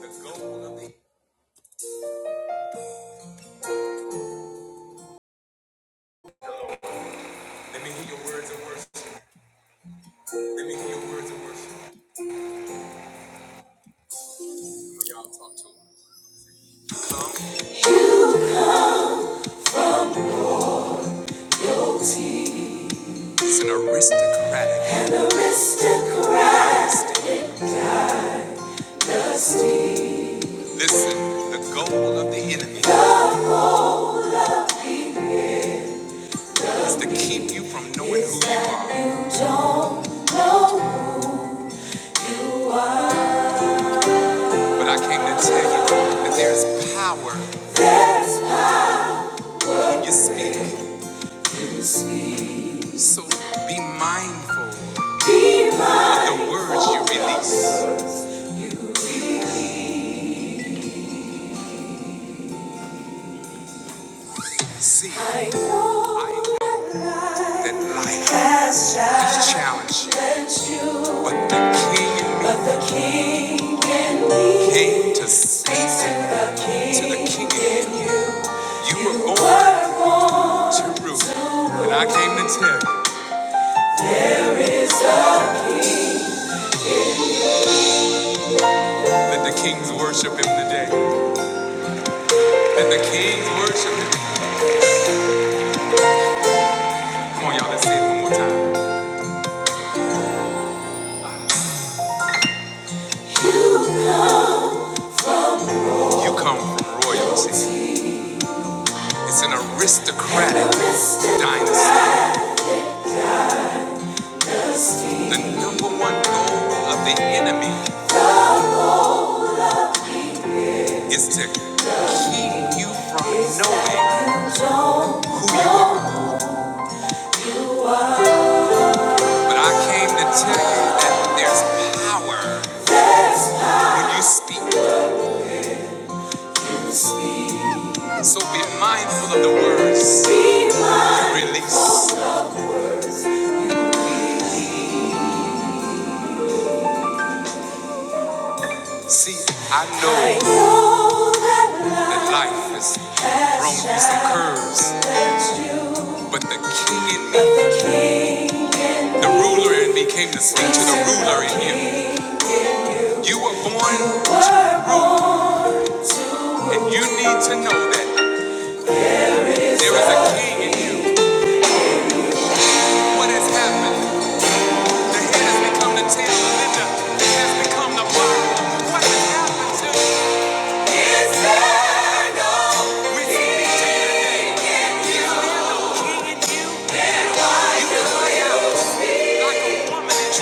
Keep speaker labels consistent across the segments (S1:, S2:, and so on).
S1: The goal of Let me hear your words of worship. Let me hear your words of worship. Y'all talk to him. It's an aristocratic. Listen, the goal of the enemy keep you from knowing who you are. But I came to tell you that there's power when you speak. So be mindful of the words you release. See, I know I know that life has challenged you, but the King in me but the king in me came to save you. To the King in you, you were born to rule. And I came to tell you that the King's worship him today. That the King's worship him. Come on, y'all, let's say it one more time. You come from royalty. It's an aristocratic dynasty. The number one goal of the enemy is to keep you from knowing. But I came to tell you that there's power when you speak. So be mindful of the words you release. See, I know that life has thrown you some curves, but the king in me, the ruler in me, came to speak to the ruler in you. You were born to rule, and you need to know that there is a king, and what has happened? The head has become the tail, the lender has become the body. What has happened to you? It's eternal. We speak like a woman in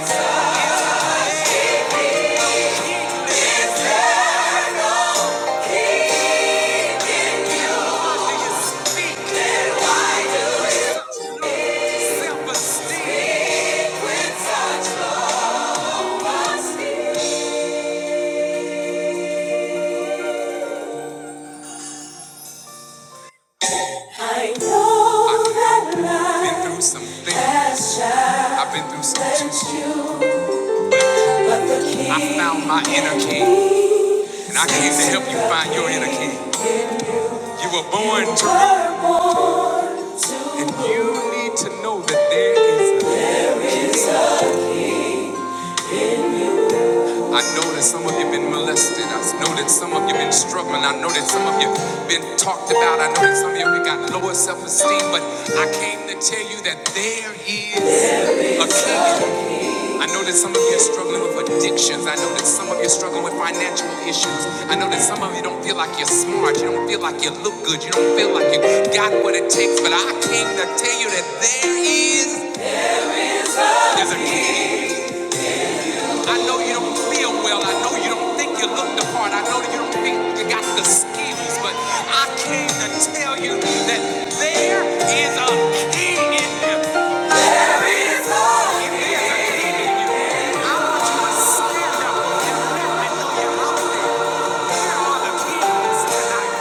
S1: travail. I know that life been through some things. has challenged I've been through some things. you, but the I found my inner king, and I came to help you find your inner king. You were born to run, and you need to know that there is a king. I know that some of you have been molested. I know that some of you have been struggling. I know that some of you have been talked about. I know that some of you have got lower self-esteem, but I came to tell you that there is a king. I know that some of you are struggling with addictions. I know that some of you are struggling with financial issues. I know that some of you don't feel like you're smart. You don't feel like you look good. You don't feel like you got what it takes. But I came to tell you that there is there's a king. I know you don't feel well. I know you don't think you look the part. I know that you don't think you got the skills. But I came to tell you that there is a king in this. And I want you to stand up and let me know you're out there. Praise him because his will make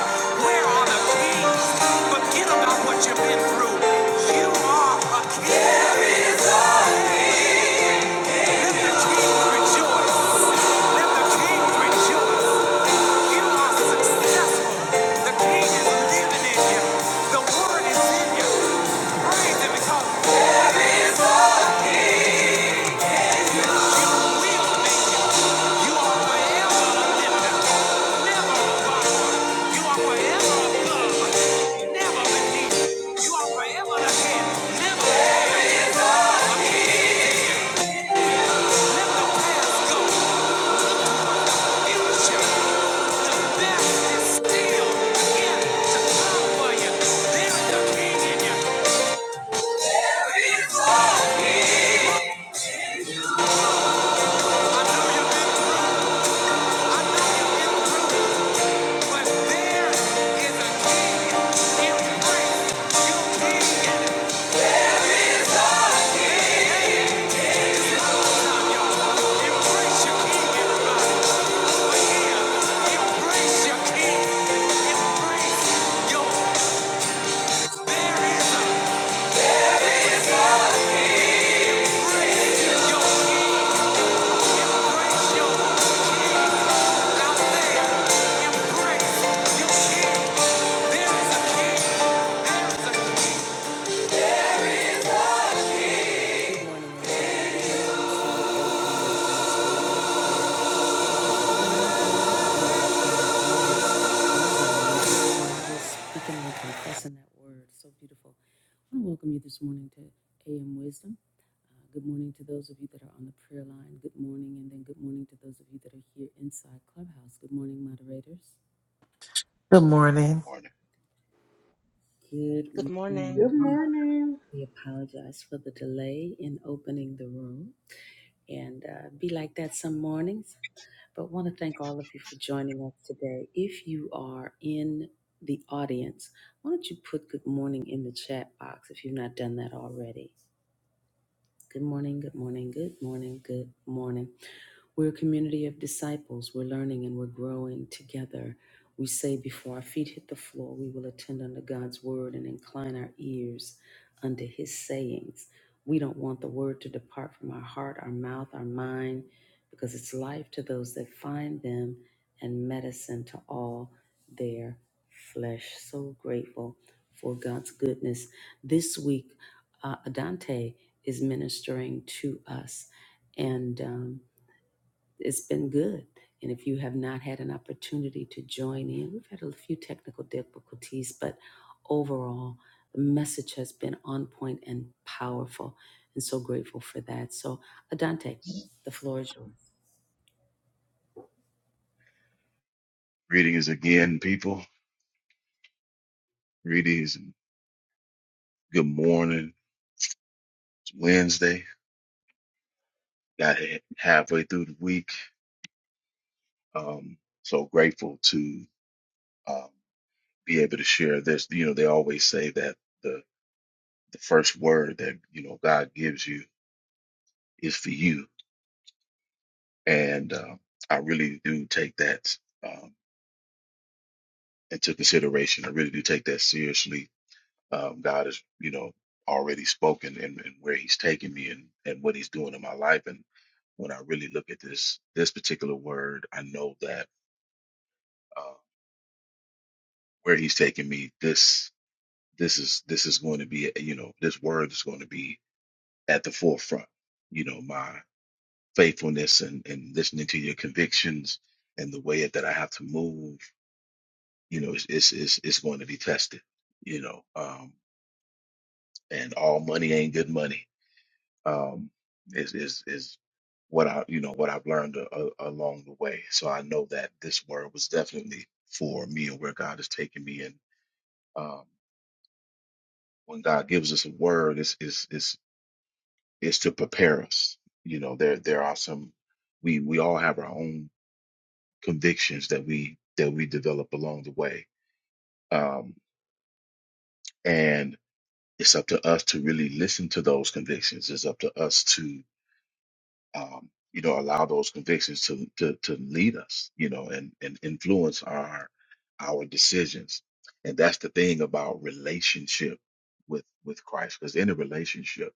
S1: you. You are forever lifted. Embrace your king, embrace your king, embrace your there is a Embrace your out there. Embrace your kids.
S2: Good morning.
S3: Morning.
S4: Good morning.
S5: Good morning.
S3: Greetings again, people. Greetings. and Good morning. It's Wednesday. Got it halfway through the week. Um, so grateful to um, be able to share this. You know, they always say that the the first word that you know God gives you is for you, and um I really do take that um, into consideration. I really do take that seriously Um, God has, you know, already spoken and, and where He's taking me and, and what He's doing in my life. And when I really look at this this particular word, I know that uh, where He's taking me, this this is this is going to be, you know, this word is going to be at the forefront. You know, my faithfulness and and listening to your convictions and the way that I have to move. You know, it's it's it's, it's going to be tested. You know, um, and all money ain't good money um, is is is what I you know what I've learned a, a, along the way. So I know that this word was definitely for me and where God has taken me. And um, when God gives us a word, it's is is is to prepare us. You know, there there are some we we all have our own convictions that we that we develop along the way, um, and it's up to us to really listen to those convictions. It's up to us to. um, you know, allow those convictions to, to to lead us, you know, and and influence our our decisions. And that's the thing about relationship with with Christ, because in a relationship,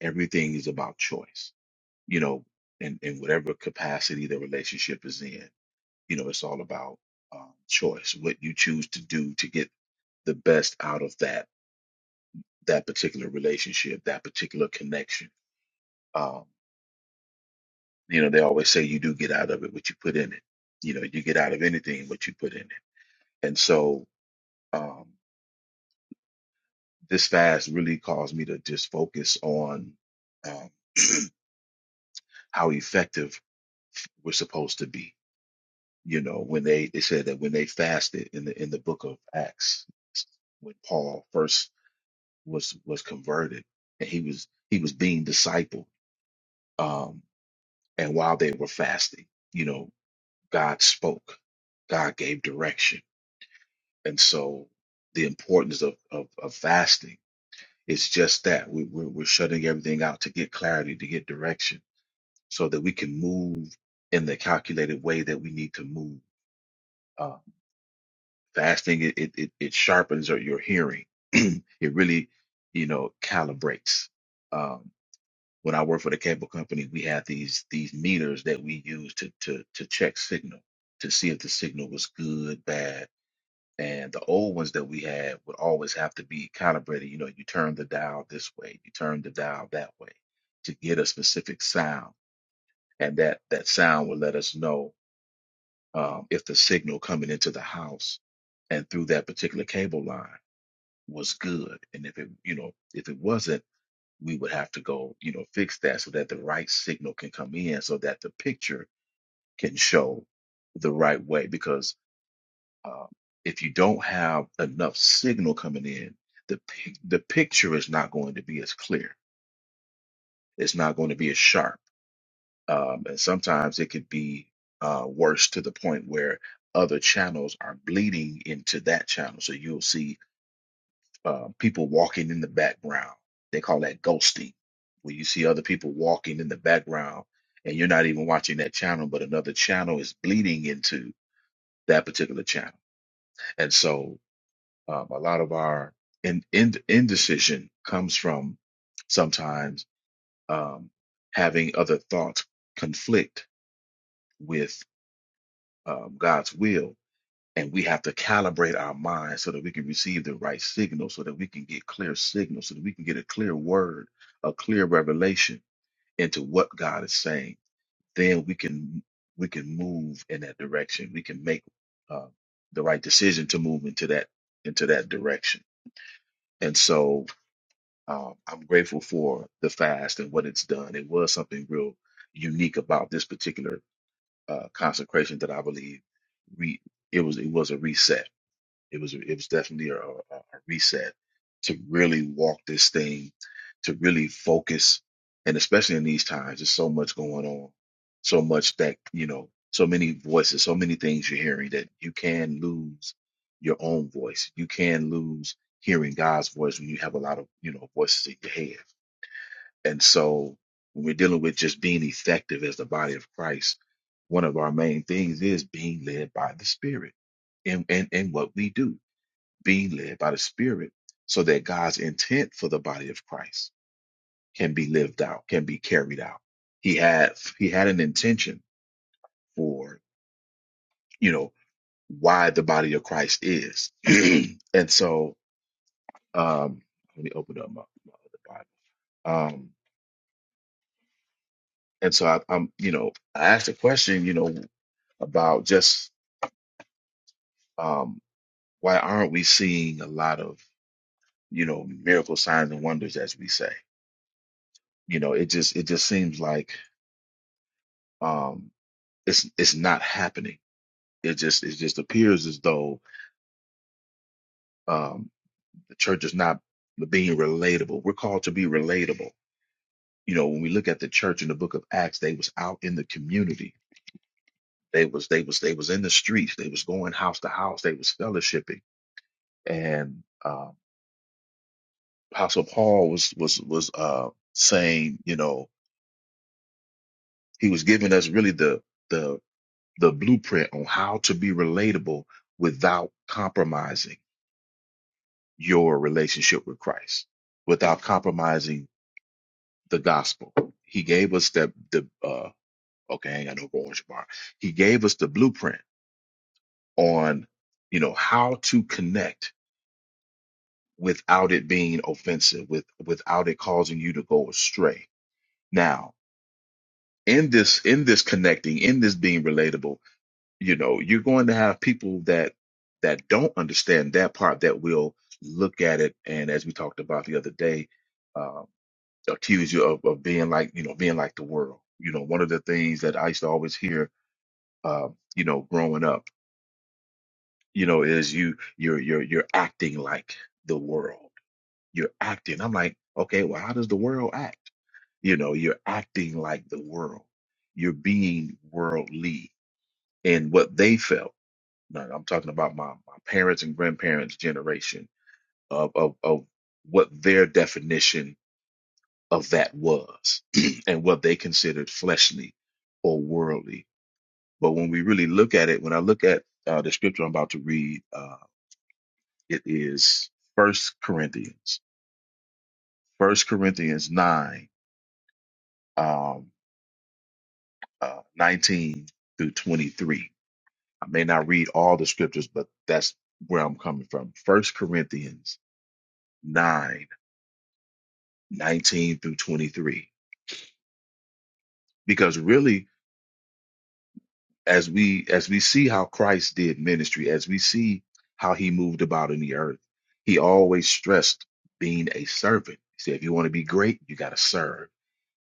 S3: everything is about choice, you know, in in whatever capacity the relationship is in, you know, it's all about um, choice, what you choose to do to get the best out of that that particular relationship, that particular connection. Um, You know, they always say you do get out of it what you put in it. You know, you get out of anything what you put in it. And so um, this fast really caused me to just focus on um, how effective we're supposed to be. You know, when they they said that when they fasted in the in the book of Acts, when Paul first was was converted and he was he was being discipled, um, and while they were fasting, you know, God spoke, God gave direction And so the importance of, of, of fasting is just that we, we're, we're shutting everything out to get clarity, to get direction, so that we can move in the calculated way that we need to move. Uh, fasting, it, it, it it sharpens your your hearing. it really, you know, calibrates. Um, when I worked for the cable company, we had these these meters that we used to to to check signal to see if the signal was good, bad, And the old ones that we had would always have to be calibrated. You know, you turn the dial this way, you turn the dial that way to get a specific sound. And that, that sound would let us know um, if the signal coming into the house and through that particular cable line was good. And if it, you know, if it wasn't, we would have to go, you know, fix that so that the right signal can come in so that the picture can show the right way. Because Uh, if you don't have enough signal coming in, the pic- the picture is not going to be as clear. It's not going to be as sharp, um, and sometimes it could be uh, worse to the point where other channels are bleeding into that channel. So you'll see uh, people walking in the background. They call that ghosting, where you see other people walking in the background, and you're not even watching that channel, but another channel is bleeding into that particular channel. And so Um, a lot of our in, in, indecision comes from sometimes um, having other thoughts conflict with um, God's will. And we have to calibrate our minds so that we can receive the right signal, so that we can get clear signals, so that we can get a clear word, a clear revelation into what God is saying. Then we can we can move in that direction. We can make uh, the right decision to move into that into that direction. And so Uh, I'm grateful for the fast and what it's done. It was something real unique about this particular uh, consecration that I believe re- it was it was a reset it was it was definitely a, a a reset to really walk this thing, to really focus, and especially in these times, there's so much going on, so much that you know, so many voices, so many things you're hearing that you can lose your own voice. You can lose hearing God's voice when you have a lot of you know voices in your head. And so when we're dealing with just being effective as the body of Christ, one of our main things is being led by the Spirit in, in, in what we do being led by the Spirit so that God's intent for the body of Christ can be lived out, can be carried out. He had he had an intention for, you know, why the body of Christ is. and so um let me open up my, my other Bible. Um and so I, I'm you know, I asked a question, you know, about just um, why aren't we seeing a lot of you know miracle signs and wonders as we say you know it just it just seems like um it's it's not happening. It just it just appears as though um, the church is not being relatable. We're called to be relatable. You know, when we look at the church in the book of Acts, they was out in the community. They was they was they was in the streets. They was going house to house. They was fellowshipping. And uh, Apostle Paul was was was uh, saying, you know, he was giving us really the the the blueprint on how to be relatable without compromising your relationship with Christ without compromising the gospel. He gave us that the uh okay, I ain't got no orange bar. He gave us the blueprint on you know how to connect without it being offensive, with without it causing you to go astray. Now, in this in this connecting, in this being relatable, you know, you're going to have people that that don't understand that part that will look at it and as we talked about the other day um, accuse you of, of being like you know being like the world you know one of the things that i used to always hear uh, you know growing up you know is you you're you're you're acting like the world you're acting i'm like okay well how does the world act you know you're acting like the world you're being worldly and what they felt now i'm talking about my, my parents and grandparents generation of, of of what their definition of that was and what they considered fleshly or worldly. But when we really look at it, when I look at uh, the scripture I'm about to read, uh, it is First Corinthians, First Corinthians nine, um, uh, nineteen through twenty three. I may not read all the scriptures, but that's where I'm coming from. First Corinthians nine, nineteen through twenty three, because really as we as we see how Christ did ministry, as we see how he moved about in the earth, he always stressed being a servant. He said, if you want to be great, you got to serve.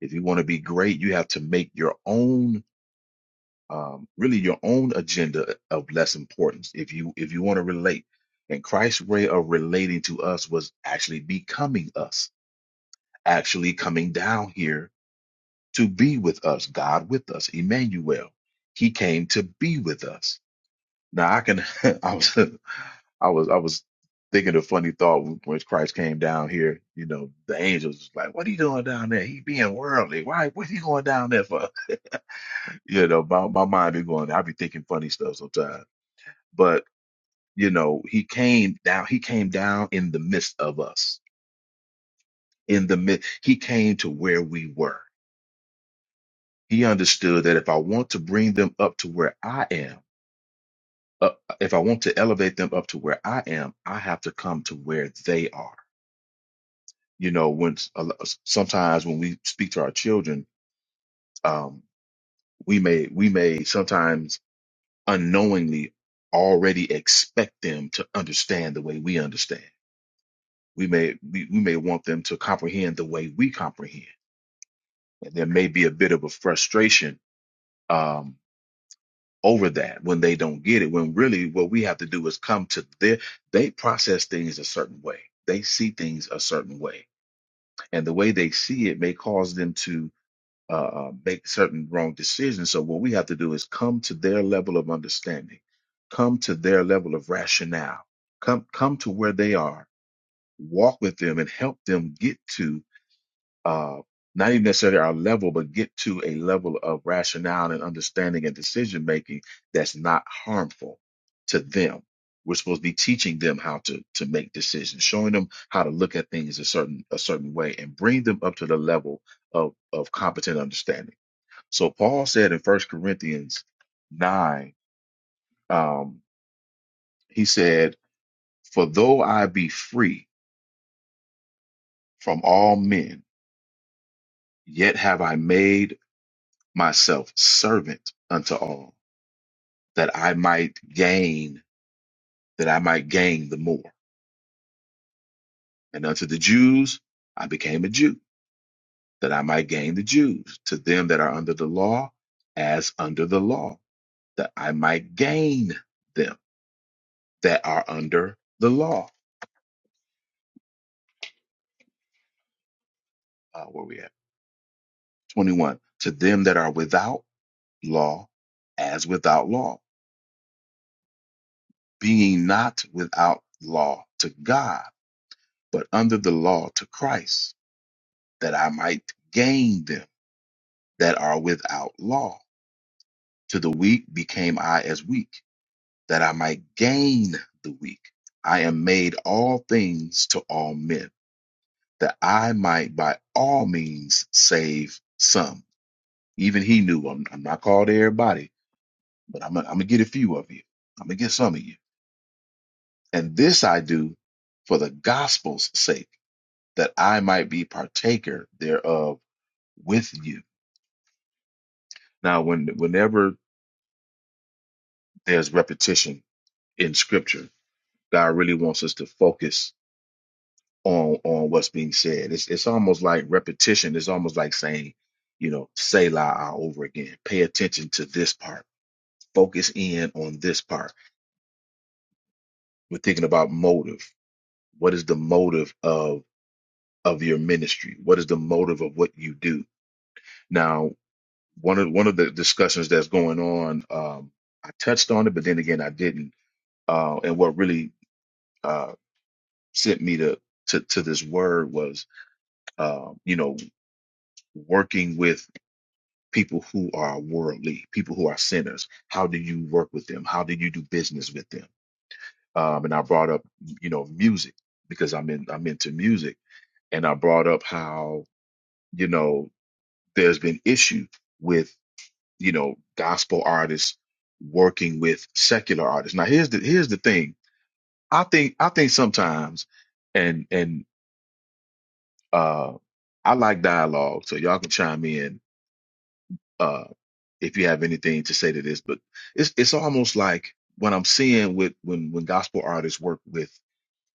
S3: If you want to be great, you have to make your own um, really your own agenda of less importance. If you if you want to relate, and Christ's way of relating to us was actually becoming us, actually coming down here to be with us, God with us, Emmanuel. He came to be with us Now I can. I was. I was. I was thinking a funny thought when Christ came down here. You know, the angels was like, "What are you doing down there? He being worldly. Why? What are you going down there for?" You know, my my mind be going. I be thinking funny stuff sometimes. But you know, he came down. He came down in the midst of us. In the midst, he came to where we were. He understood that if I want to bring them up to where I am, up, if I want to elevate them up to where I am, I have to come to where they are you know when s- a lo- sometimes when we speak to our children um we may we may sometimes unknowingly already expect them to understand the way we understand we may we, we may want them to comprehend the way we comprehend and there may be a bit of a frustration um over that when they don't get it when really what we have to do is come to their they process things a certain way they see things a certain way and the way they see it may cause them to uh, uh, make certain wrong decisions. So what we have to do is come to their level of understanding, come to their level of rationale, come come to where they are, walk with them, and help them get to uh, not even necessarily our level, but get to a level of rationale and understanding and decision making that's not harmful to them. We're supposed to be teaching them how to to make decisions, showing them how to look at things a certain a certain way, and bring them up to the level of of competent understanding. So Paul said in First Corinthians 9, um, he said, For though I be free from all men, yet have I made myself servant unto all, that I might gain, that I might gain the more. And unto the Jews I became a Jew, that I might gain the Jews, to them that are under the law, as under the law, that I might gain them that are under the law. Uh, where we at? 21 to them that are without law as without law being not without law to god but under the law to christ that i might gain them that are without law to the weak became i as weak that i might gain the weak i am made all things to all men that i might by all means save some even he knew i'm, I'm not called everybody but i'm gonna I'm gonna get a few of you i'm gonna get some of you And this I do for the gospel's sake, that I might be partaker thereof with you. Now, when whenever there's repetition in scripture, God really wants us to focus on on what's being said. It's it's almost like repetition, it's almost like saying, you know, say la over again. Pay attention to this part. Focus in on this part. We're thinking about motive. What is the motive of of your ministry? What is the motive of what you do? Now, one of one of the discussions that's going on, um, I touched on it, but then again, I didn't. Uh, and what really uh, sent me to, to to this word was, uh, you know, working with people who are worldly, people who are sinners. How do you work with them? How do you do business with them? Um, and I brought up, you know, music because I'm in I'm into music, and I brought up how you know there's been issue with. you know, gospel artists working with secular artists. Now here's the here's the thing. I think I think sometimes and and uh I like dialogue, so y'all can chime in uh if you have anything to say to this, but it's it's almost like what I'm seeing with when when gospel artists work with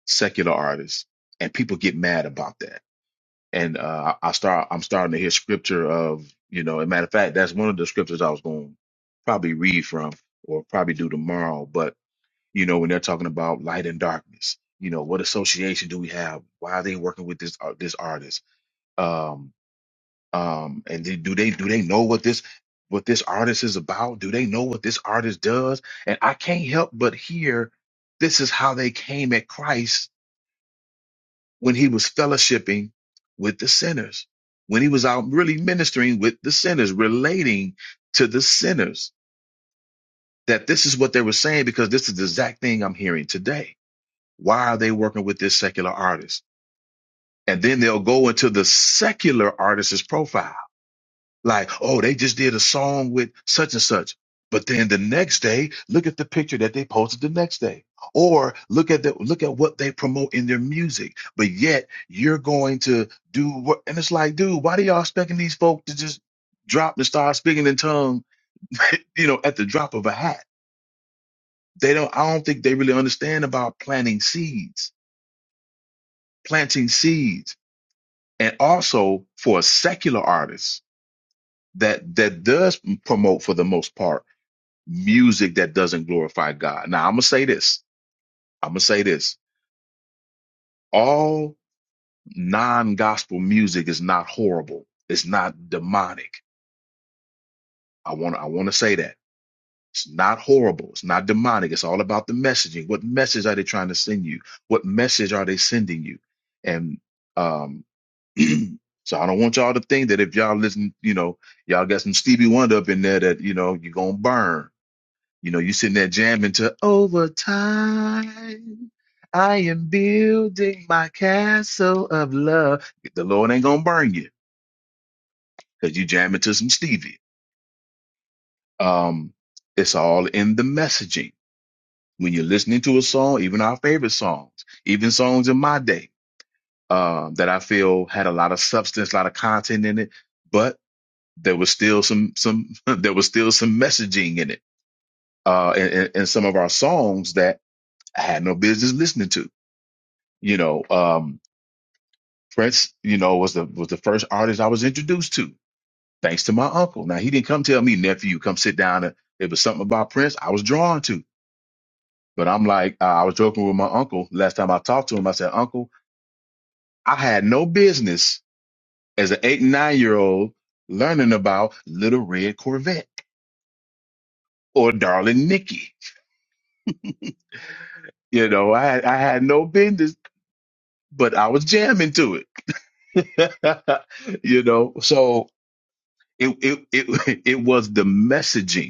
S3: secular artists and people get mad about that and uh, I I start I'm starting to hear scripture of you know. As a matter of fact, that's one of the scriptures I was going to probably read from or probably do tomorrow. But you know, when they're talking about light and darkness, you know, what association do we have? Why are they working with this ar- this artist? Um, um, and they, do they do they know what this what this artist is about? Do they know what this artist does? And I can't help but hear this is how they came at Christ when he was fellowshipping with the sinners, when he was out really ministering with the sinners, relating to the sinners, that this is what they were saying because this is the exact thing I'm hearing today. Why are they working with this secular artist? And then they'll go into the secular artist's profile Like, oh, they just did a song with such and such. But then the next day, look at the picture that they posted the next day. Or look at the look at what they promote in their music. But yet you're going to do what and it's like, dude, why do y'all expecting these folk to just drop and start speaking in tongue, you know, at the drop of a hat? They don't I don't think they really understand about planting seeds, planting seeds. And also for a secular artist that that does promote for the most part music that doesn't glorify God. Now, I'm going to say this. I'm going to say this. All non gospel music is not horrible. It's not demonic. I want to, I want to say that. It's not horrible. It's not demonic. It's all about the messaging. What message are they trying to send you? What message are they sending you? And, um, so I don't want y'all to think that if y'all listen, you know, y'all got some Stevie Wonder up in there that, you know, you're going to burn You know, you sitting there jamming to overtime. I am building my castle of love. The Lord ain't gonna burn you because you jamming to some Stevie. Um, it's all in the messaging. When you're listening to a song, even our favorite songs, even songs in my day, uh, that I feel had a lot of substance, a lot of content in it, but there was still some some there was still some messaging in it. Uh, and, and and some of our songs that I had no business listening to You know, um, Prince, you know, was the was the first artist I was introduced to, thanks to my uncle. Now he didn't come tell me, nephew, come sit down. And it was something about Prince I was drawn to. But I'm like, uh, I was joking with my uncle last time I talked to him. I said, Uncle, I had no business as an eight and nine year old learning about Little Red Corvette or Darling Nikki. You know, I had I had no business, but I was jamming to it. you know, so it it it it was the messaging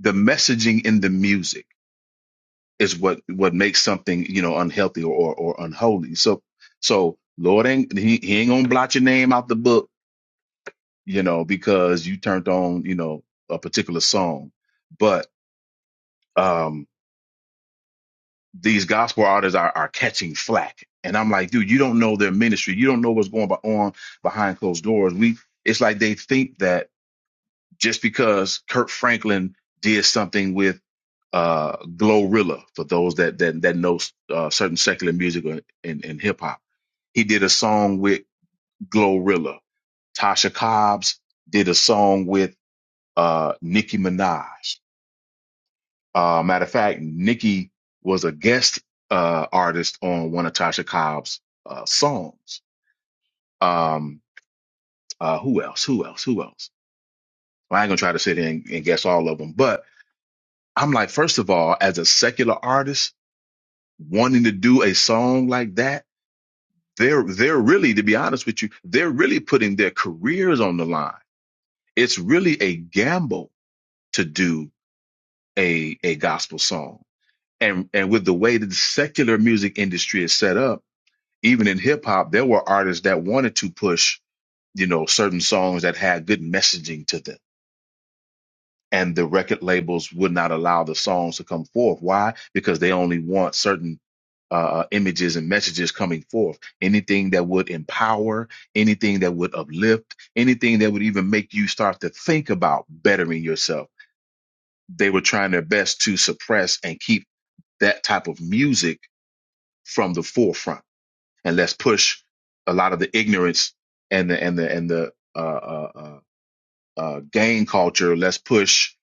S3: the messaging in the music is what what makes something you know unhealthy or or, or unholy. So so Lord ain't he, he ain't gonna blot your name out the book, you know, because you turned on you know a particular song. But um these gospel artists are are catching flack, and I'm like, dude, you don't know their ministry, you don't know what's going on behind closed doors. We it's like they think that just because Kurt Franklin did something with uh, Glorilla, for those that that that know uh, certain secular music and, and, and hip hop, he did a song with Glorilla. Tasha Cobbs did a song with uh, Nicki Minaj. Uh, matter of fact, Nicki was a guest uh, artist on one of Tasha Cobbs' uh, songs. Um, uh, who else? Who else? Who else? Well, I ain't gonna try to sit here and, and guess all of them, but I'm like, first of all, as a secular artist wanting to do a song like that, they're they're really, to be honest with you, they're really putting their careers on the line. It's really a gamble to do a a gospel song. And and with the way that the secular music industry is set up, even in hip hop, there were artists that wanted to push, you know, certain songs that had good messaging to them and the record labels would not allow the songs to come forth. Why? Because they only want certain uh, images and messages coming forth. Anything that would empower, anything that would uplift, anything that would even make you start to think about bettering yourself. They were trying their best to suppress and keep that type of music from the forefront. And let's push a lot of the ignorance and the and the and the uh, uh, uh, uh, gang culture. Let's push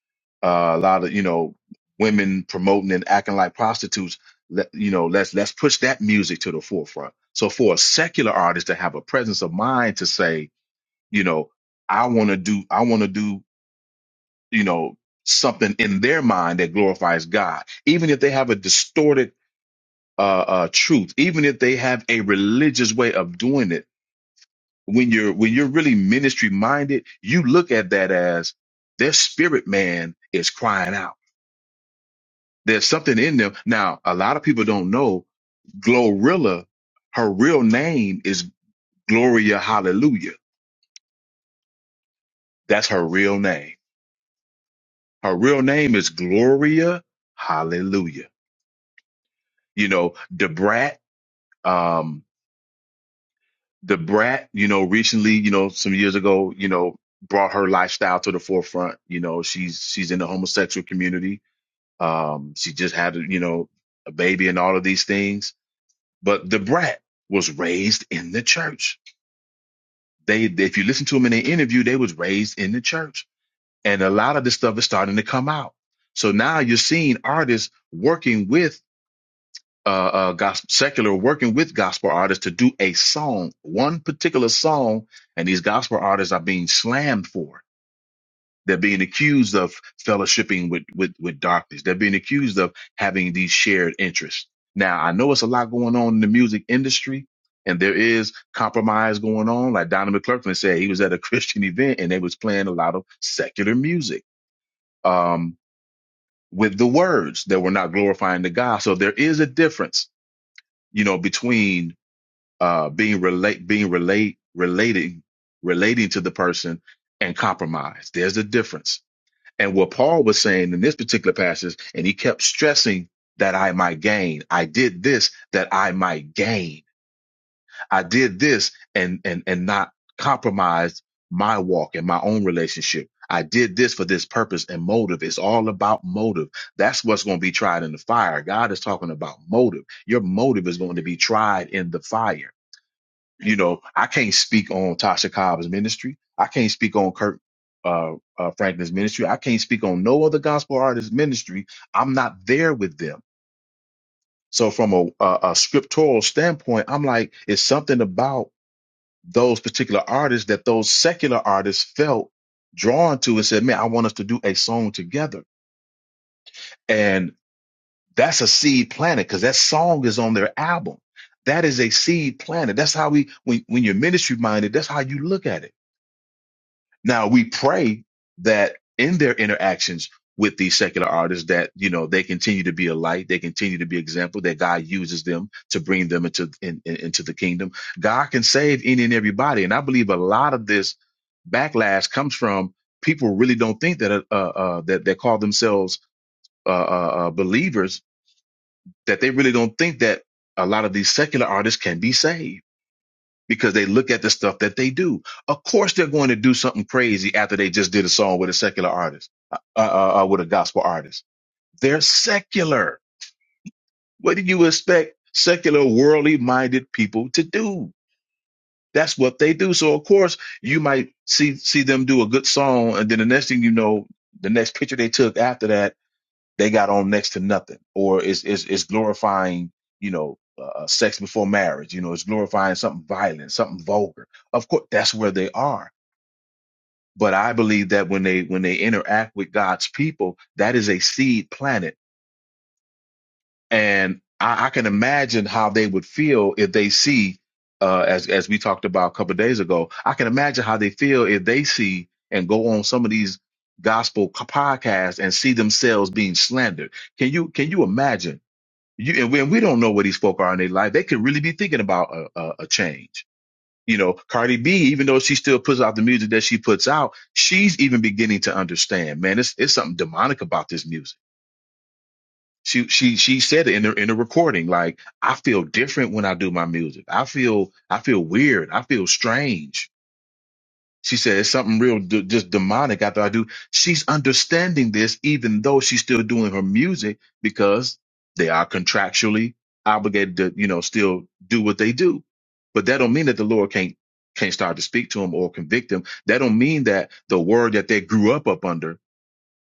S3: uh, a lot of you know women promoting and acting like prostitutes. Let, you know, let's let's push that music to the forefront. So for a secular artist to have a presence of mind to say, you know, I want to do, I want to do, you know, something in their mind that glorifies God, even if they have a distorted uh, uh, truth, even if they have a religious way of doing it when you're when you're really ministry minded, you look at that as their spirit man is crying out. There's something in them. Now, a lot of people don't know Glorilla, her real name is Gloria Hallelujah. That's her real name. Her real name is Gloria Hallelujah. You know, Debrat, um, Debrat, you know, recently, you know, some years ago, you know, brought her lifestyle to the forefront. You know, she's she's in the homosexual community Um, she just had, you know, a baby and all of these things. But the brat was raised in the church. They, if you listen to them in the interview, they was raised in the church, and a lot of this stuff is starting to come out. So now you're seeing artists working with uh, uh gospel secular working with gospel artists to do a song, one particular song, and these gospel artists are being slammed for it They're being accused of fellowshipping with, with, with darkness. They're being accused of having these shared interests. Now, I know it's a lot going on in the music industry and there is compromise going on. Like Donnie McClurkin said, he was at a Christian event and they was playing a lot of secular music, um, with the words that were not glorifying to God. So there is a difference, you know, between, uh, being relate, being relate, relating, relating to the person and compromise. There's a difference and what Paul was saying in this particular passage, and he kept stressing that I might gain. I did this that I might gain. I did this and and and not compromise my walk and my own relationship. I did this for this purpose and motive. It's all about motive. That's what's going to be tried in the fire. God is talking about motive. Your motive is going to be tried in the fire you know, I can't speak on Tasha Cobb's ministry. I can't speak on Kirk uh, uh, Franklin's ministry. I can't speak on no other gospel artist's ministry. I'm not there with them. So from a, a, a scriptural standpoint, I'm like, it's something about those particular artists that those secular artists felt drawn to and said, man, I want us to do a song together. And that's a seed planted because that song is on their album. That is a seed planted. That's how we, when, when you're ministry minded, that's how you look at it Now we pray that in their interactions with these secular artists that you know they continue to be a light, they continue to be example, that God uses them to bring them into in, in- into the kingdom. God can save any and everybody, and I believe a lot of this backlash comes from people really don't think that uh, uh, uh, that that call themselves uh, uh, uh, believers that they really don't think that a lot of these secular artists can be saved because they look at the stuff that they do. Of course, they're going to do something crazy after they just did a song with a secular artist, uh, uh, uh, uh, with a gospel artist. They're secular. What do you expect secular, worldly minded people to do? That's what they do. So of course, you might see see them do a good song, and then the next thing you know, the next picture they took after that they got on next to nothing or it's it's, it's glorifying you know uh, uh, sex before marriage you know it's glorifying something violent something vulgar of course that's where they are but i believe that when they when they interact with god's people that is a seed planet and i, I can imagine how they would feel if they see uh, as as we talked about a couple of days ago i can imagine how they feel if they see and go on some of these gospel podcasts and see themselves being slandered can you can you imagine you and we, and we don't know what these folk are in their life. They could really be thinking about a, a, a change. You know, Cardi B, even though she still puts out the music that she puts out, she's even beginning to understand. Man, it's it's something demonic about this music. She she she said it in the in the recording, like I feel different when I do my music. I feel I feel weird. I feel strange. She says something real d- just demonic after I do. She's understanding this, even though she's still doing her music because they are contractually obligated to, you know, still do what they do. But that don't mean that the Lord can't can't start to speak to them or convict them. That don't mean that the word that they grew up up under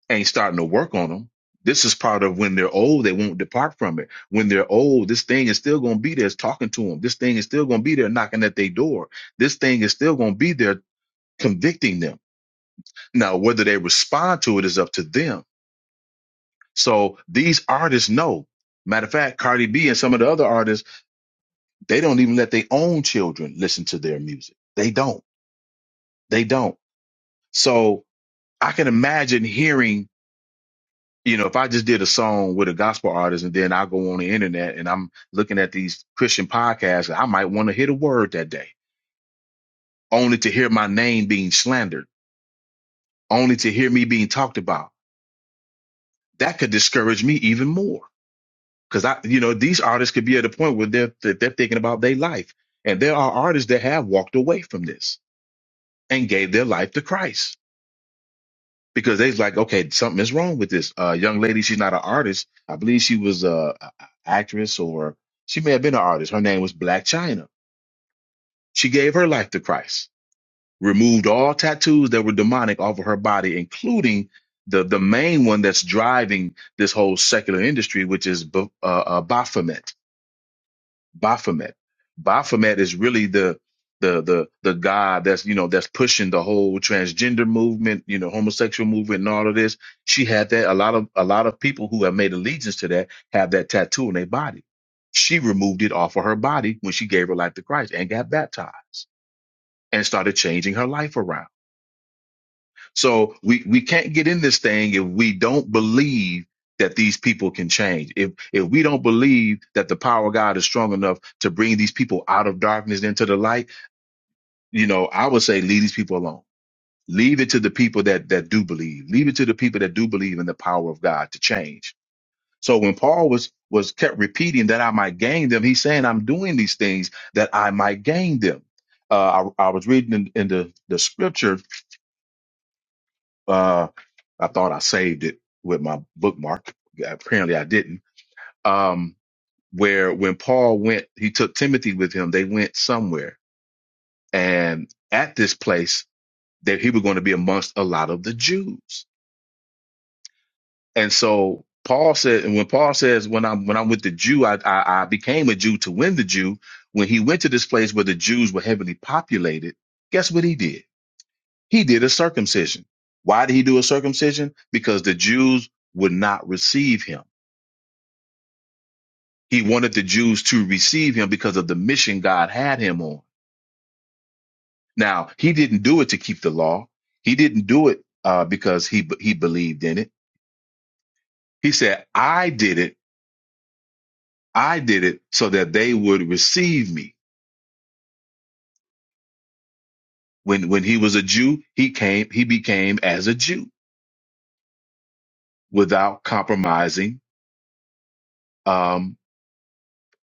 S3: ain't starting to work on them. This is part of when they're old, they won't depart from it. When they're old, this thing is still going to be there. It's talking to them. This thing is still going to be there knocking at their door this thing is still going to be there convicting them. Now, whether they respond to it is up to them. So these artists know. Matter of fact, Cardi B and some of the other artists, they don't even let their own children listen to their music. They don't. They don't. So I can imagine hearing, you know, if I just did a song with a gospel artist and then I go on the internet and I'm looking at these Christian podcasts, I might want to hit a word that day, only to hear my name being slandered, only to hear me being talked about. That could discourage me even more Because I, you know, these artists could be at a point where they're that they're thinking about their life, and there are artists that have walked away from this and gave their life to Christ because they's like, okay, something is wrong with this uh, young lady. She's not an artist. I believe she was a, a a actress, or she may have been an artist. Her name was Black China. She gave her life to Christ, removed all tattoos that were demonic off of her body, including the the main one that's driving this whole secular industry, which is B- uh, uh, Baphomet Baphomet. Baphomet is really the the the the guy that's you know that's pushing the whole transgender movement, you know, homosexual movement and all of this. She had that. A lot of a lot of people who have made allegiance to that have that tattoo on their body. She removed it off of her body when she gave her life to Christ and got baptized and started changing her life around. So we, we can't get in this thing if we don't believe that these people can change. If if we don't believe that the power of God is strong enough to bring these people out of darkness into the light, you know, I would say leave these people alone. Leave it to the people that that do believe. Leave it to the people that do believe in the power of God to change. So when Paul was was kept repeating that I might gain them, he's saying I'm doing these things that I might gain them. Uh, I, I was reading in, in the the scripture Uh, I thought I saved it with my bookmark. Apparently, I didn't. Um, where when Paul went, he took Timothy with him. They went somewhere, and at this place that he was going to be amongst a lot of the Jews. And so Paul said, and when Paul says, "When I'm when I'm with the Jew, I, I I became a Jew to win the Jew." When he went to this place where the Jews were heavily populated, guess what he did? He did a circumcision. Why did he do a circumcision? Because the Jews would not receive him. He wanted the Jews to receive him because of the mission God had him on. Now, he didn't do it to keep the law. He didn't do it uh, because he he believed in it. He said, "I did it. I did it so that they would receive me." When when he was a Jew, he came. He became as a Jew without compromising. um,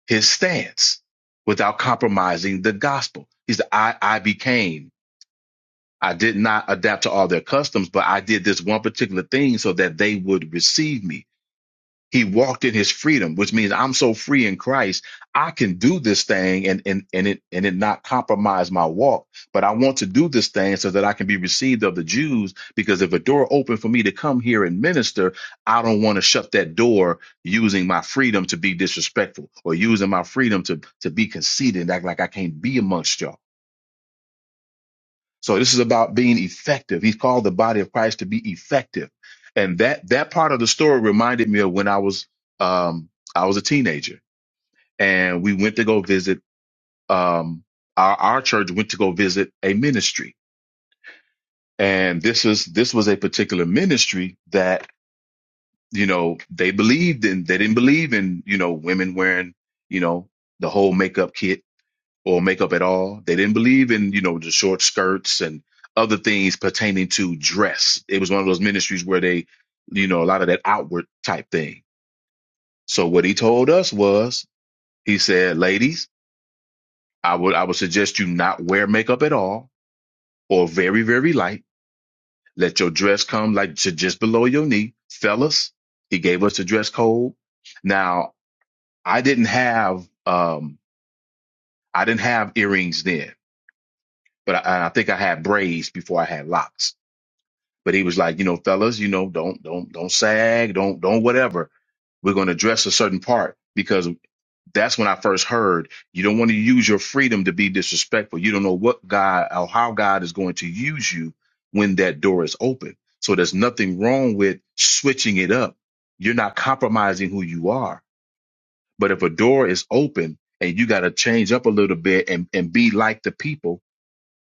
S3: his stance without compromising the gospel. He said, I, I became, I did not adapt to all their customs, but I did this one particular thing so that they would receive me. He walked in his freedom, which means I'm so free in Christ, I can do this thing and and and it and it not compromise my walk. But I want to do this thing so that I can be received of the Jews, because if a door opened for me to come here and minister, I don't want to shut that door using my freedom to be disrespectful or using my freedom to to be conceited and act like I can't be amongst y'all. So this is about being effective. He's called the body of Christ to be effective, and that that part of the story reminded me of when I was um, I was a teenager, and we went to go visit um, our our church went to go visit a ministry, and this is this was a particular ministry that you know they believed in. They didn't believe in you know women wearing you know the whole makeup kit or makeup at all. They didn't believe in, you know, the short skirts and other things pertaining to dress. It was one of those ministries where they, you know, a lot of that outward type thing. So what he told us was, he said, ladies, I would, I would suggest you not wear makeup at all or very, very light. Let your dress come like to just below your knee. Fellas, he gave us the dress code. Now I didn't have, um, I didn't have earrings then, but I, I think I had braids before I had locks. But he was like, you know, fellas, you know, don't don't don't sag, don't don't whatever. We're going to address a certain part because that's when I first heard you don't want to use your freedom to be disrespectful. You don't know what God or how God is going to use you when that door is open. So there's nothing wrong with switching it up. You're not compromising who you are. But if a door is open and you got to change up a little bit and, and be like the people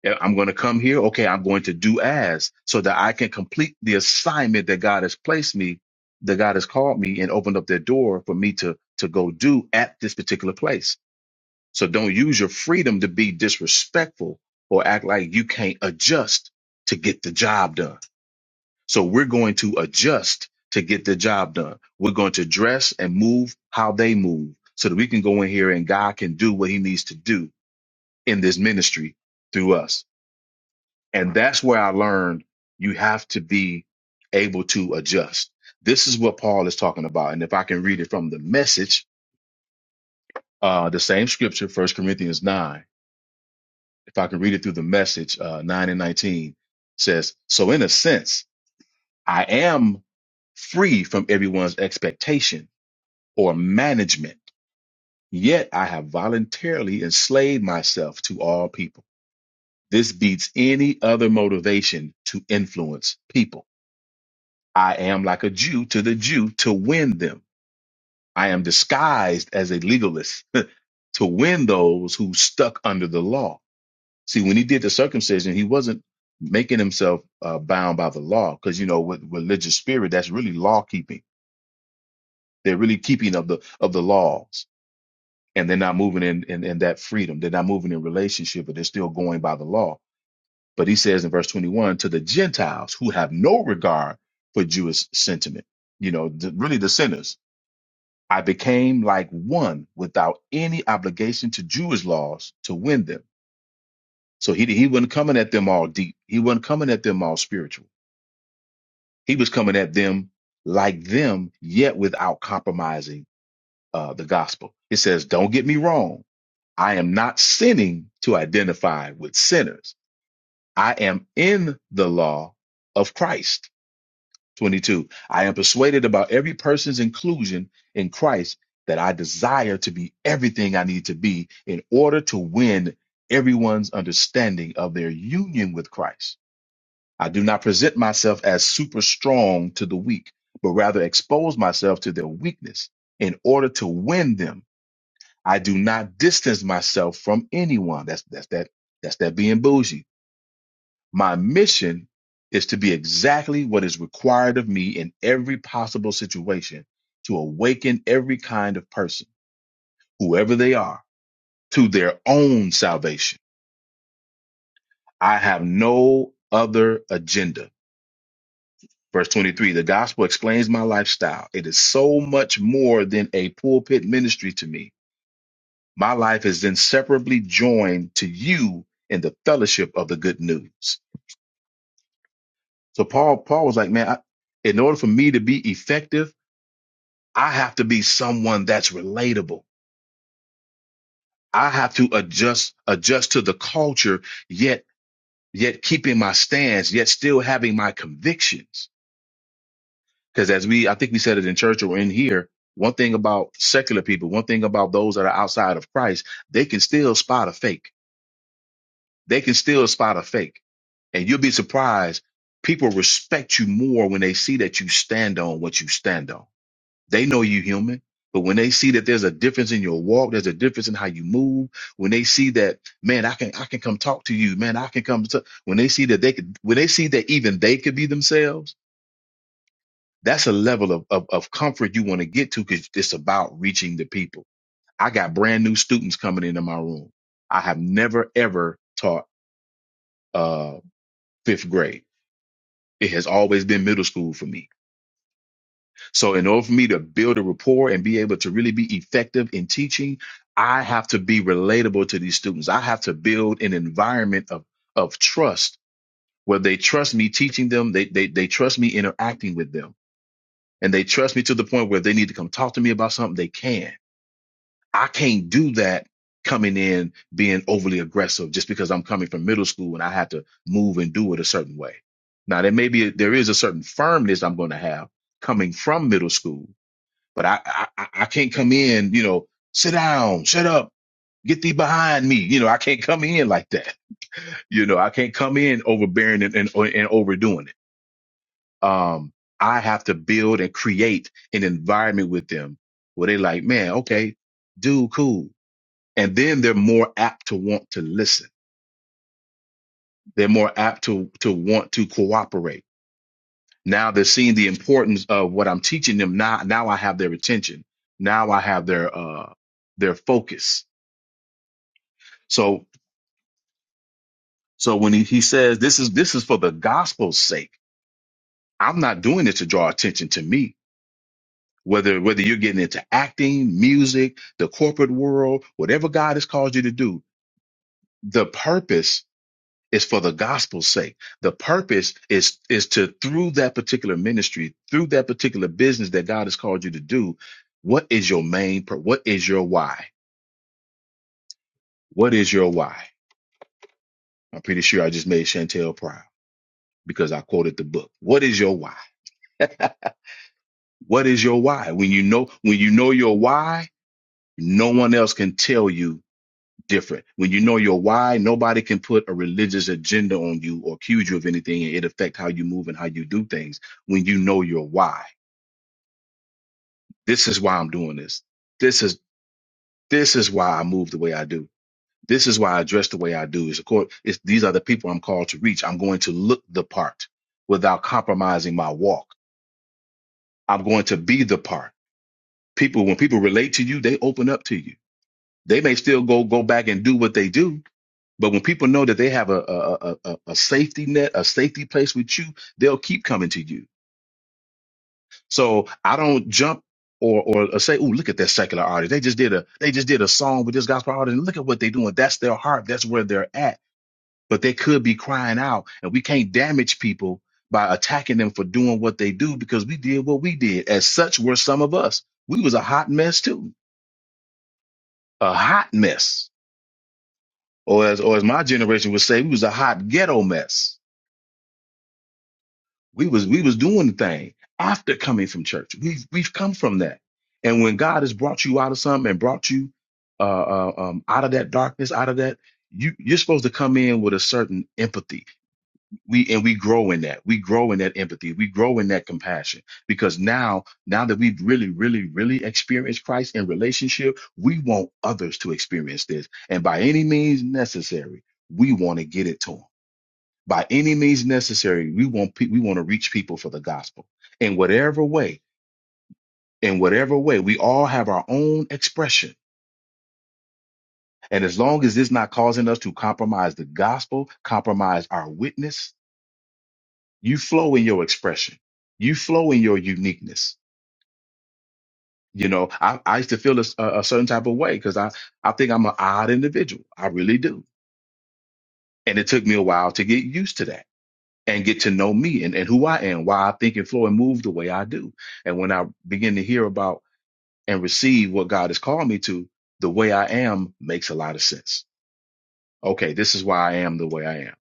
S3: yeah, I'm going to come here. Okay, I'm going to do as so that I can complete the assignment that God has placed me, that God has called me and opened up that door for me to to go do at this particular place. So don't use your freedom to be disrespectful or act like you can't adjust to get the job done. So we're going to adjust to get the job done. We're going to dress and move how they move so that we can go in here and God can do what he needs to do in this ministry through us. And that's where I learned you have to be able to adjust. This is what Paul is talking about. And if I can read it from the message, uh, the same scripture, First Corinthians 9, if I can read it through the message, uh, 9 and 19 says, So in a sense, I am free from everyone's expectation or management, yet I have voluntarily enslaved myself to all people. This beats any other motivation to influence people. I am like a Jew to the Jew to win them. I am disguised as a legalist to win those who stuck under the law. See, when he did the circumcision, he wasn't making himself uh, bound by the law because, you know, with religious spirit, that's really law keeping. They're really keeping of the of the laws and they're not moving in, in, in that freedom. They're not moving in relationship, but they're still going by the law. But he says in verse 21 to the Gentiles who have no regard for Jewish sentiment, you know, the, really the sinners I became like one without any obligation to Jewish laws to win them. So he, he wasn't coming at them all deep. He wasn't coming at them all spiritual. He was coming at them like them, yet without compromising uh, the gospel. It says, don't get me wrong. I am not sinning to identify with sinners. I am in the law of Christ. 22. I am persuaded about every person's inclusion in Christ that I desire to be everything I need to be in order to win everyone's understanding of their union with Christ. I do not present myself as super strong to the weak, but rather expose myself to their weakness in order to win them. I do not distance myself from anyone. That's that's that that's that being bougie. My mission is to be exactly what is required of me in every possible situation to awaken every kind of person, whoever they are, to their own salvation. I have no other agenda. Verse 23 The gospel explains my lifestyle. It is so much more than a pulpit ministry to me. My life is inseparably joined to you in the fellowship of the good news. So Paul, Paul was like, man, I, in order for me to be effective, I have to be someone that's relatable. I have to adjust adjust to the culture, yet yet keeping my stance, yet still having my convictions. Because as we, I think we said it in church or in here, one thing about secular people, one thing about those that are outside of Christ, they can still spot a fake. They can still spot a fake, and you'll be surprised. People respect you more when they see that you stand on what you stand on They know you human, but when they see that there's a difference in your walk, there's a difference in how you move. When they see that, man, I can I can come talk to you, man, I can come. To, when they see that they could, when they see that even they could be themselves, that's a level of of, of comfort you want to get to because it's about reaching the people. I got brand new students coming into my room. I have never ever taught uh, fifth grade. It has always been middle school for me So, in order for me to build a rapport and be able to really be effective in teaching, I have to be relatable to these students. I have to build an environment of, of trust where they trust me teaching them, they, they, they trust me interacting with them, and they trust me to the point where they need to come talk to me about something, they can. I can't do that coming in being overly aggressive just because I'm coming from middle school and I have to move and do it a certain way. Now, there may be, there is a certain firmness I'm going to have coming from middle school but I, I I I can't come in, you know, sit down, shut up, get thee behind me. You know, I can't come in like that. You know, I can't come in overbearing and, and, and overdoing it. Um, I have to build and create an environment with them where they like, man, okay, dude, cool. And then they're more apt to want to listen. They're more apt to to want to cooperate. Now they're seeing the importance of what I'm teaching them. Now, now I have their attention. Now I have their uh their focus. So. So when he, he says this is this is for the gospel's sake, I'm not doing it to draw attention to me. Whether whether you're getting into acting, music, the corporate world, whatever God has called you to do, the purpose is for the gospel's sake. The purpose is is to through that particular ministry, through that particular business that God has called you to do, what is your main pur- what is your why? What is your why? I'm pretty sure I just made Chantel proud because I quoted the book. What is your why? What is your why? When you know, when you know your why, no one else can tell you different. When you know your why, nobody can put a religious agenda on you or accuse you of anything and it affect how you move and how you do things. When you know your why, this is why I'm doing this. This is, this is why I move the way I do. This is why I dress the way I do. Is of course, it's, these are the people I'm called to reach. I'm going to look the part without compromising my walk. I'm going to be the part. People, when people relate to you, they open up to you They may still go go back and do what they do, but when people know that they have a a, a, a a safety net, a safety place with you, they'll keep coming to you. So I don't jump or or say, "Oh, look at that secular artist. They just did a they just did a song with this gospel artist, and look at what they're doing. That's their heart. That's where they're at." But they could be crying out, and we can't damage people by attacking them for doing what they do because we did what we did. As such, were some of us. We was a hot mess too, a hot mess or as or as my generation would say, we was a hot ghetto mess. We was we was doing the thing after coming from church. We've we've come from that. And when God has brought you out of something and brought you uh, uh, um, out of that darkness, out of that, you you're supposed to come in with a certain empathy. We and we grow in that. We grow in that empathy. We grow in that compassion because now now that we've really really really experienced Christ in relationship, we want others to experience this, and by any means necessary, we want to get it to them by any means necessary we want pe- we want to reach people for the gospel in whatever way in whatever way we all have our own expression and as long as it's not causing us to compromise the gospel compromise our witness you flow in your expression you flow in your uniqueness you know i, I used to feel a, s- a- a certain type of way because i i think i'm an odd individual i really do and it took me a while to get used to that and get to know me and, and who I am, why I think and flow and move the way I do. And when I begin to hear about and receive what God has called me to, the way I am makes a lot of sense. Okay, this is why I am the way I am.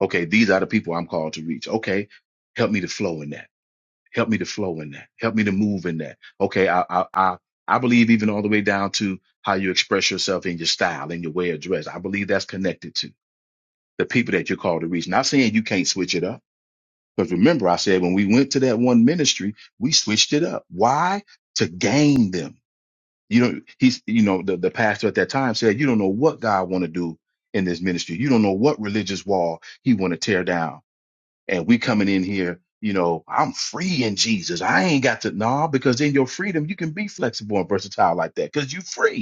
S3: Okay, these are the people I'm called to reach. Okay, help me to flow in that. Help me to flow in that. Help me to move in that. Okay, I I I, I believe even all the way down to how you express yourself in your style and your way of dress. I believe that's connected to the people that you're called to reach. Not saying you can't switch it up Because remember, I said when we went to that one ministry, we switched it up. Why? To gain them. You know, he's you know, the, the pastor at that time said, You don't know what God wanna do in this ministry. You don't know what religious wall he wanna tear down. And we coming in here, you know, I'm free in Jesus. I ain't got to nah, because in your freedom you can be flexible and versatile like that, because you free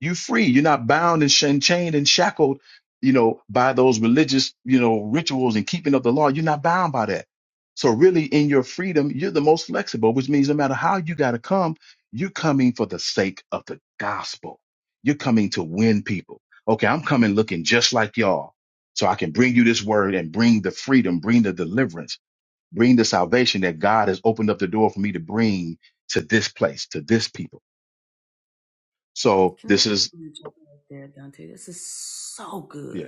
S3: you are free. You're not bound and, sh- and chained and shackled, you know, by those religious, you know, rituals and keeping of the law. You're not bound by that. So really, in your freedom, you're the most flexible, which means no matter how you got to come, you're coming for the sake of the gospel. You're coming to win people. Okay, I'm coming looking just like y'all, so I can bring you this word and bring the freedom, bring the deliverance, bring the salvation that God has opened up the door for me to bring to this place, to this people. So this is yes.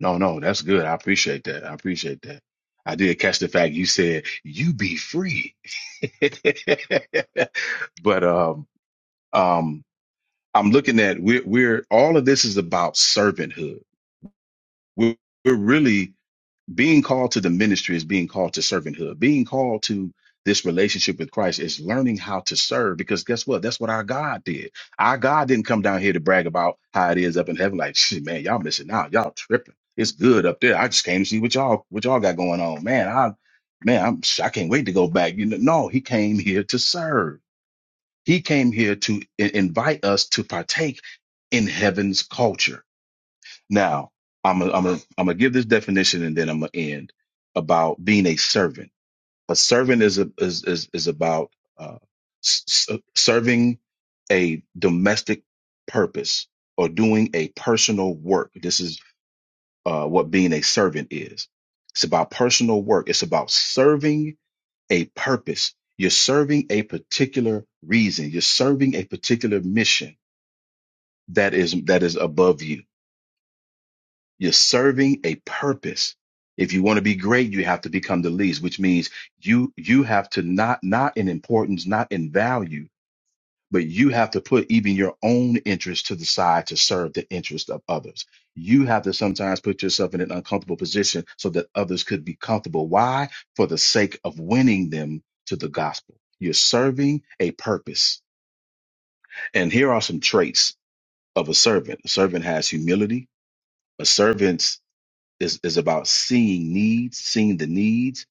S3: No, no, that's good. I appreciate that. I appreciate that. I did catch the fact you said you be free. But um um I'm looking at we're we're all of this is about servanthood. We're, we're really being called to the ministry is being called to servanthood. Being called to this relationship with Christ is learning how to serve because guess what? That's what our God did. Our God didn't come down here to brag about how it is up in heaven. Like, shit, man, y'all missing out. Y'all tripping. It's good up there. I just came to see what y'all what y'all got going on. Man, I man, I'm I can't wait to go back. You know, no, he came here to serve. He came here to i- invite us to partake in heaven's culture. Now, I'm gonna I'm gonna I'm gonna give this definition and then I'm gonna end about being a servant. A servant is a, is, is is about uh, s- s- uh, serving a domestic purpose or doing a personal work. This is uh, what being a servant is. It's about personal work. It's about serving a purpose. You're serving a particular reason. You're serving a particular mission that is that is above you You're serving a purpose. If you want to be great, you have to become the least, which means you you have to not not in importance, not in value, but you have to put even your own interest to the side to serve the interest of others. You have to sometimes put yourself in an uncomfortable position so that others could be comfortable. Why? For the sake of winning them to the gospel. You're serving a purpose. And here are some traits of a servant. A servant has humility. A servant is is about seeing needs, seeing the needs.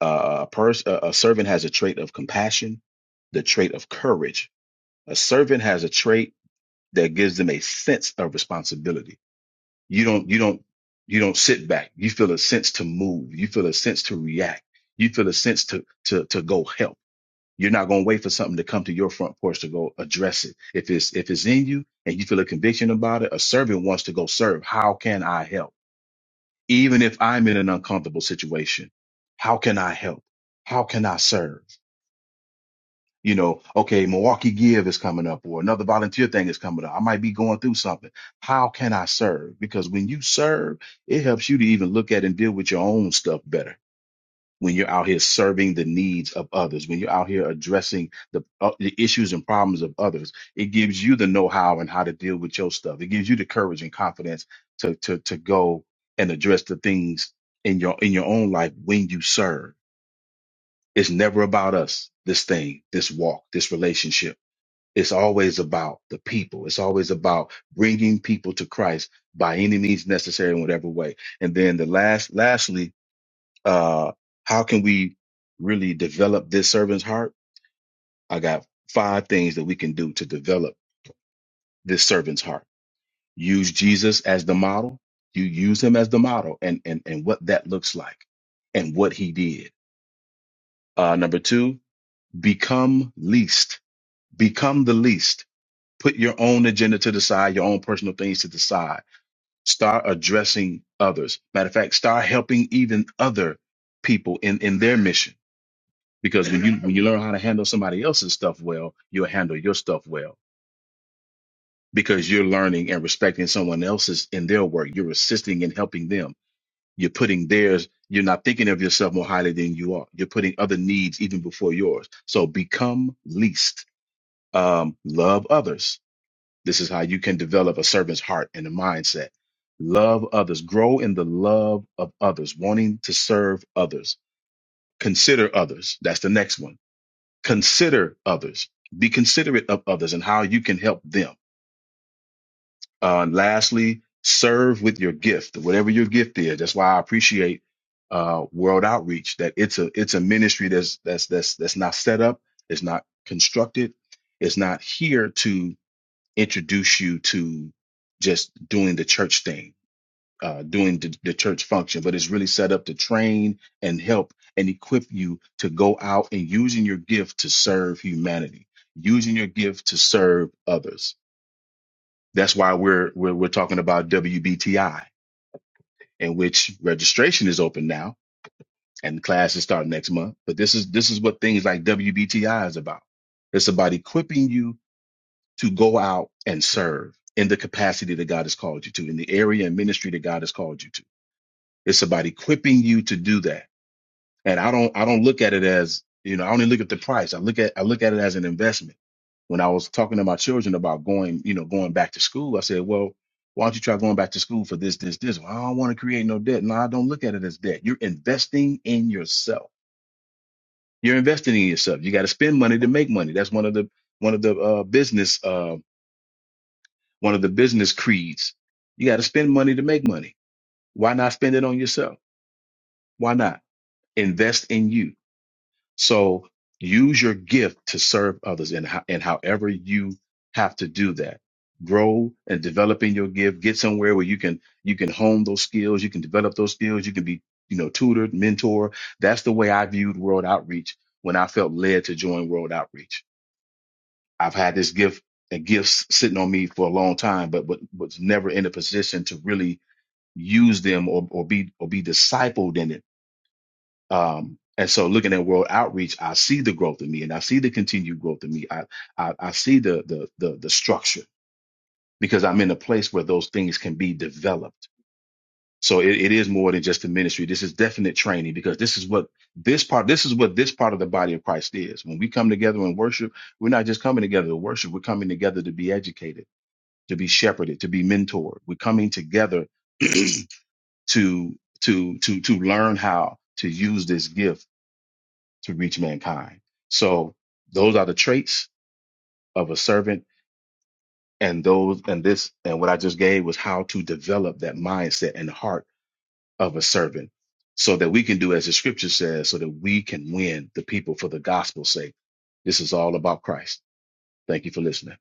S3: Uh, a person, a a servant has a trait of compassion, the trait of courage. A servant has a trait that gives them a sense of responsibility. You don't, you don't, you don't sit back. You feel a sense to move. You feel a sense to react. You feel a sense to to to go help. You're not going to wait for something to come to your front porch to go address it. If it's if it's in you and you feel a conviction about it, a servant wants to go serve. How can I help? even if I'm in an uncomfortable situation, how can I help? How can I serve? You know, okay, Milwaukee Give is coming up or another volunteer thing is coming up. I might be going through something. How can I serve? Because when you serve, it helps you to even look at and deal with your own stuff better when you're out here serving the needs of others, when you're out here addressing the, uh, the issues and problems of others, it gives you the know-how and how to deal with your stuff. It gives you the courage and confidence to to to go and address the things in your in your own life when you serve. It's never about us. This thing, this walk, this relationship. It's always about the people. It's always about bringing people to Christ by any means necessary in whatever way. And then the last, lastly, uh, how can we really develop this servant's heart? I got five things that we can do to develop this servant's heart. Use Jesus as the model. You use him as the model and, and, and what that looks like and what he did. Uh, number two, become least, become the least. Put your own agenda to the side, your own personal things to the side. Start addressing others. Matter of fact, start helping even other people in, in their mission because when you when you learn how to handle somebody else's stuff well, you'll handle your stuff well because you're learning and respecting someone else's in their work. You're assisting and helping them. You're putting theirs. You're not thinking of yourself more highly than you are. You're putting other needs even before yours. So become least. Um, love others. This is how you can develop a servant's heart and a mindset. Love others. Grow in the love of others, wanting to serve others. Consider others. That's the next one consider others be considerate of others and how you can help them uh, and lastly serve with your gift whatever your gift is that's why i appreciate uh, world outreach that it's a it's a ministry that's that's that's that's not set up it's not constructed it's not here to introduce you to just doing the church thing uh, doing the, the church function, but it's really set up to train and help and equip you to go out and using your gift to serve humanity, using your gift to serve others. That's why we're we're, we're talking about WBTI, in which registration is open now and classes start next month. But this is this is what things like WBTI is about. It's about equipping you to go out and serve in the capacity that God has called you to, in the area and ministry that God has called you to. It's about equipping you to do that And I don't I don't look at it as, you know, I only look at the price. I look at I look at it as an investment. When I was talking to my children about going, you know, going back to school, I said, Well, why don't you try going back to school for this, this, this? Well, I don't want to create no debt. No, I don't look at it as debt. You're investing in yourself. You're investing in yourself. You got to spend money to make money. That's one of the one of the uh, business uh, one of the business creeds. You got to spend money to make money. Why not spend it on yourself? Why not invest in you? So use your gift to serve others and, ho- and however you have to do that. Grow and develop in your gift. Get somewhere where you can you can hone those skills, you can develop those skills, you can be, you know, tutored, mentor. That's the way I viewed World Outreach when I felt led to join World Outreach. I've had this gift and gifts sitting on me for a long time, but, but was never in a position to really use them or, or be or be discipled in it um, and so looking at world outreach, I see the growth in me and I see the continued growth in me. I, I, I see the, the, the, the structure because I'm in a place where those things can be developed. So it, it is more than just a ministry. This is definite training because this is what this part, this is what this part of the body of Christ is. When we come together and worship, we're not just coming together to worship. We're coming together to be educated, to be shepherded, to be mentored. We're coming together to, to, to, to learn how to use this gift to reach mankind. So those are the traits of a servant and those and this and what I just gave was how to develop that mindset and heart of a servant so that we can do as the scripture says so that we can win the people for the gospel's sake. This is all about Christ. Thank you for listening.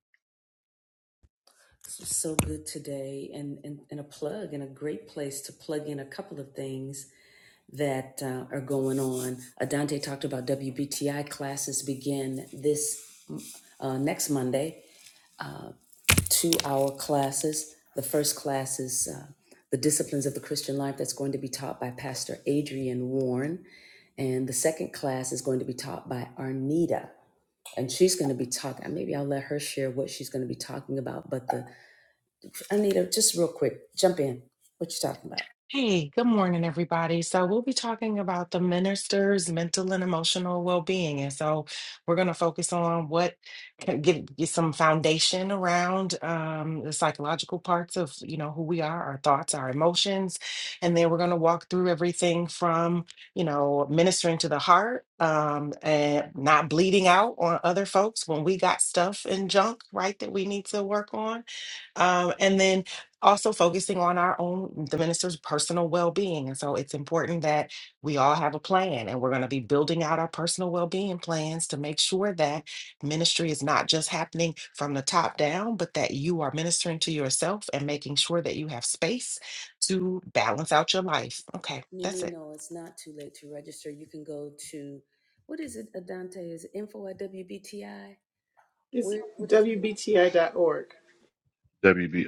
S6: Hey, good morning, everybody. So, we'll be talking about the minister's mental and emotional well being. And so, we're going to focus on what can give you some foundation around um, the psychological parts of, you know, who we are, our thoughts, our emotions. And then we're going to walk through everything from, you know, ministering to the heart um, and not bleeding out on other folks when we got stuff and junk, right, that we need to work on. Um, and then also focusing on our own the minister's personal well-being and so it's important that we all have a plan and we're going to be building out our personal well-being plans to make sure that ministry is not just happening from the top down but that you are ministering to yourself and making sure that you have space to balance out your life okay that's it
S5: It's wbti dot org
S3: WB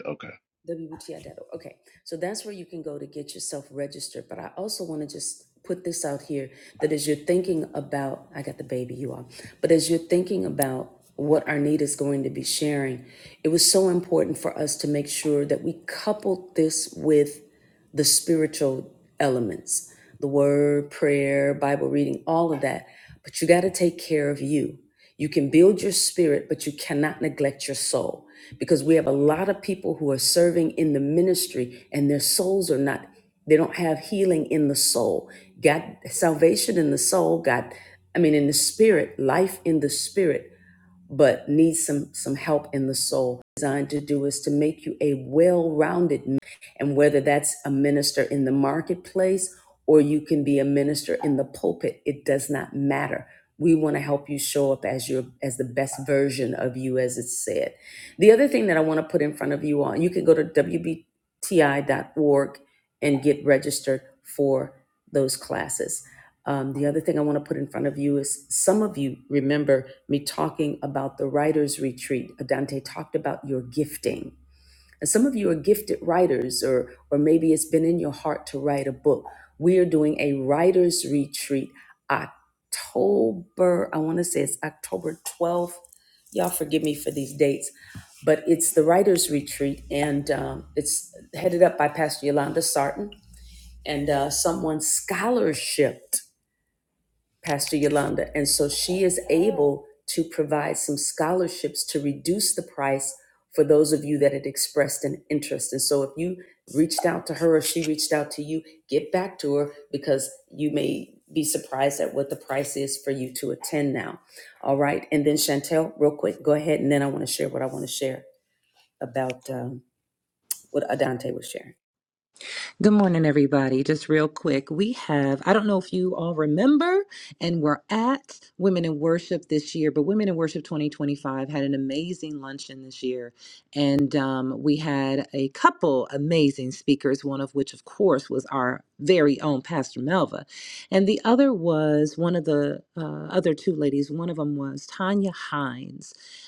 S7: Good morning, everybody. Just real quick, we have, I don't know if you all remember, and we're at Women in Worship this year, but Women in Worship 2025 had an amazing luncheon this year. And um, we had a couple amazing speakers, one of which, of course, was our very own Pastor Melva. And the other was one of the uh, other two ladies, one of them was Tanya Hines.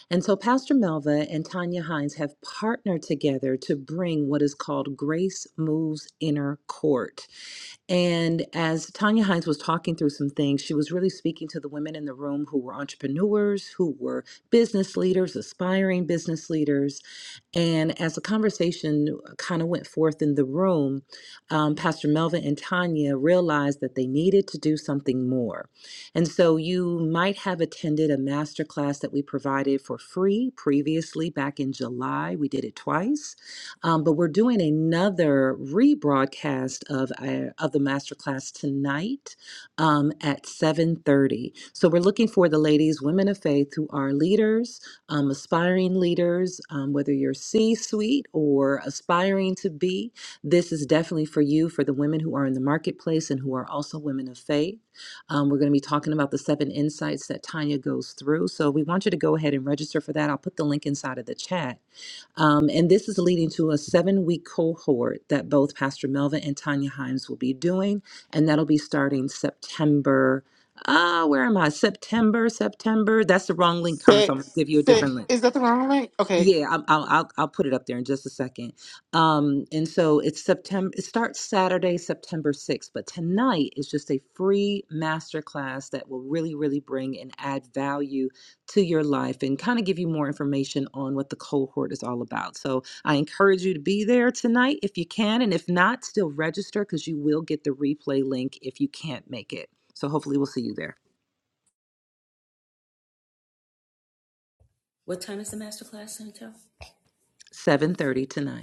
S7: And so Pastor Melva and Tanya Hines have partnered together to bring what is called Grace Moves Inner Court. And as Tanya Hines was talking through some things, she was really speaking to the women in the room who were entrepreneurs, who were business leaders, aspiring business leaders, and as the conversation kind of went forth in the room, um, Pastor Melvin and Tanya realized that they needed to do something more. And so you might have attended a masterclass that we provided for free previously back in July. We did it twice, um, but we're doing another rebroadcast of our, of the masterclass tonight um, at 7:30. So we're looking for the ladies, women of faith, who are leaders um, aspiring leaders, um, whether you're C suite or aspiring to be. This is definitely for you, for the women who are in the marketplace and who are also women of faith. Um, we're going to be talking about the seven insights that Tanya goes through. So we want you to go ahead and register for that. I'll put the link inside of the chat um, and this is leading to a seven week cohort that both Pastor Melvin and Tanya Himes will be doing. And that'll be starting September. Uh, where am I? September, September. That's the wrong link, Carmen. So I'm going to
S5: Six,
S7: give you a
S5: six.
S7: different link.
S5: Is that the wrong link? Okay.
S7: Yeah, I'm, I'll, I'll I'll put it up there in just a second. Um, and so it's September. It starts Saturday, September sixth. But tonight is just a free masterclass that will really, really bring and add value to your life and kind of give you more information on what the cohort is all about. So I encourage you to be there tonight if you can, and if not, still register because you will get the replay link if you can't make it. So hopefully, we'll see you there, seven thirty tonight.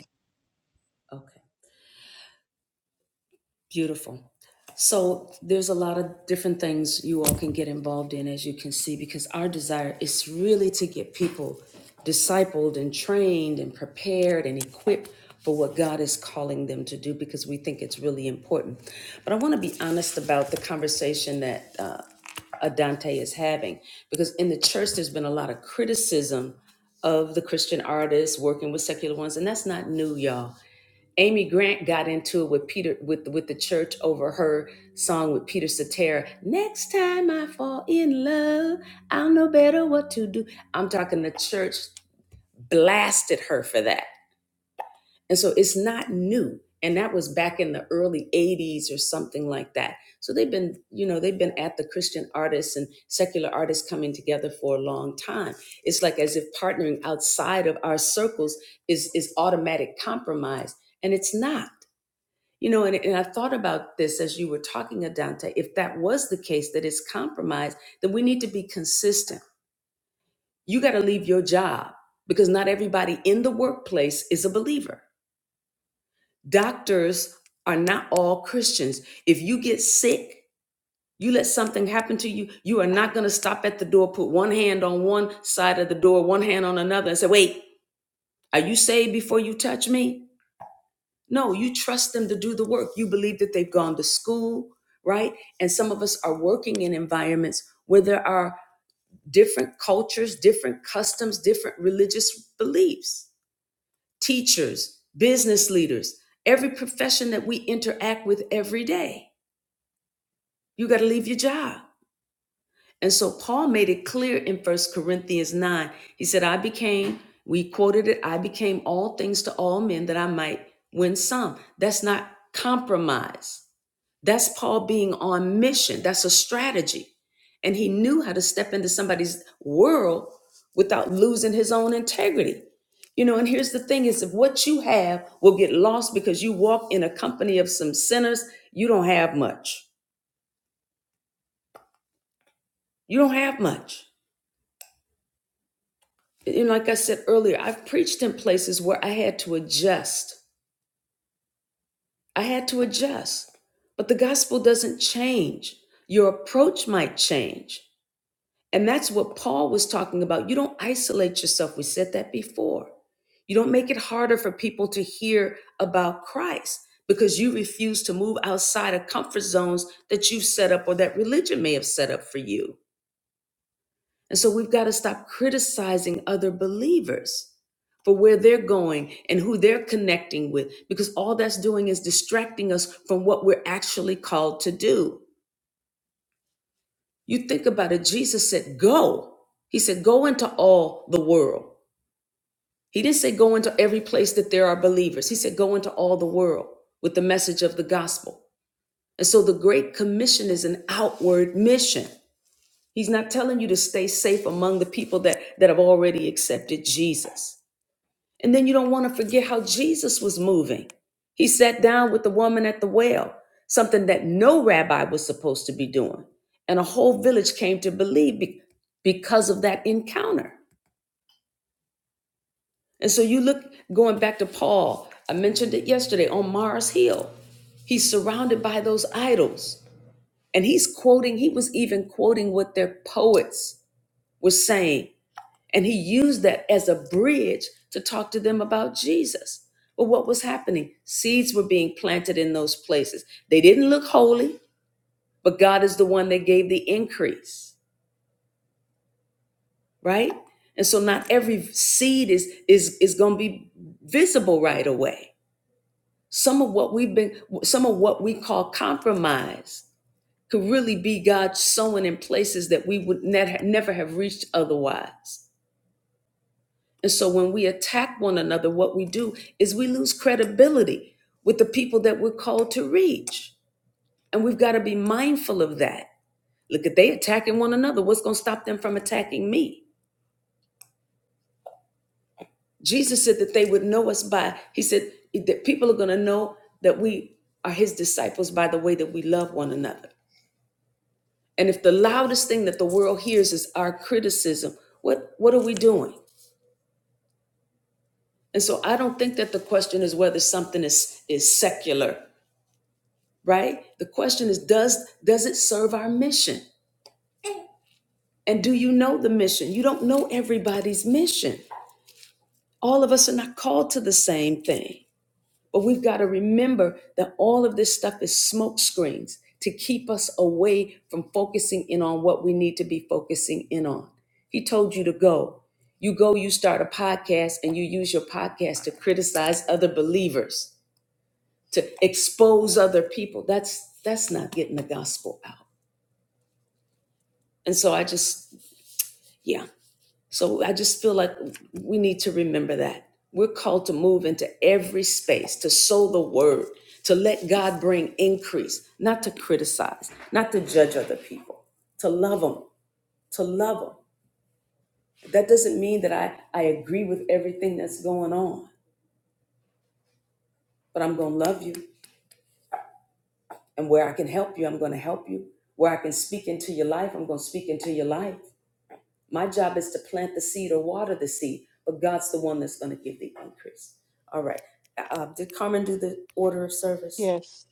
S5: Yes.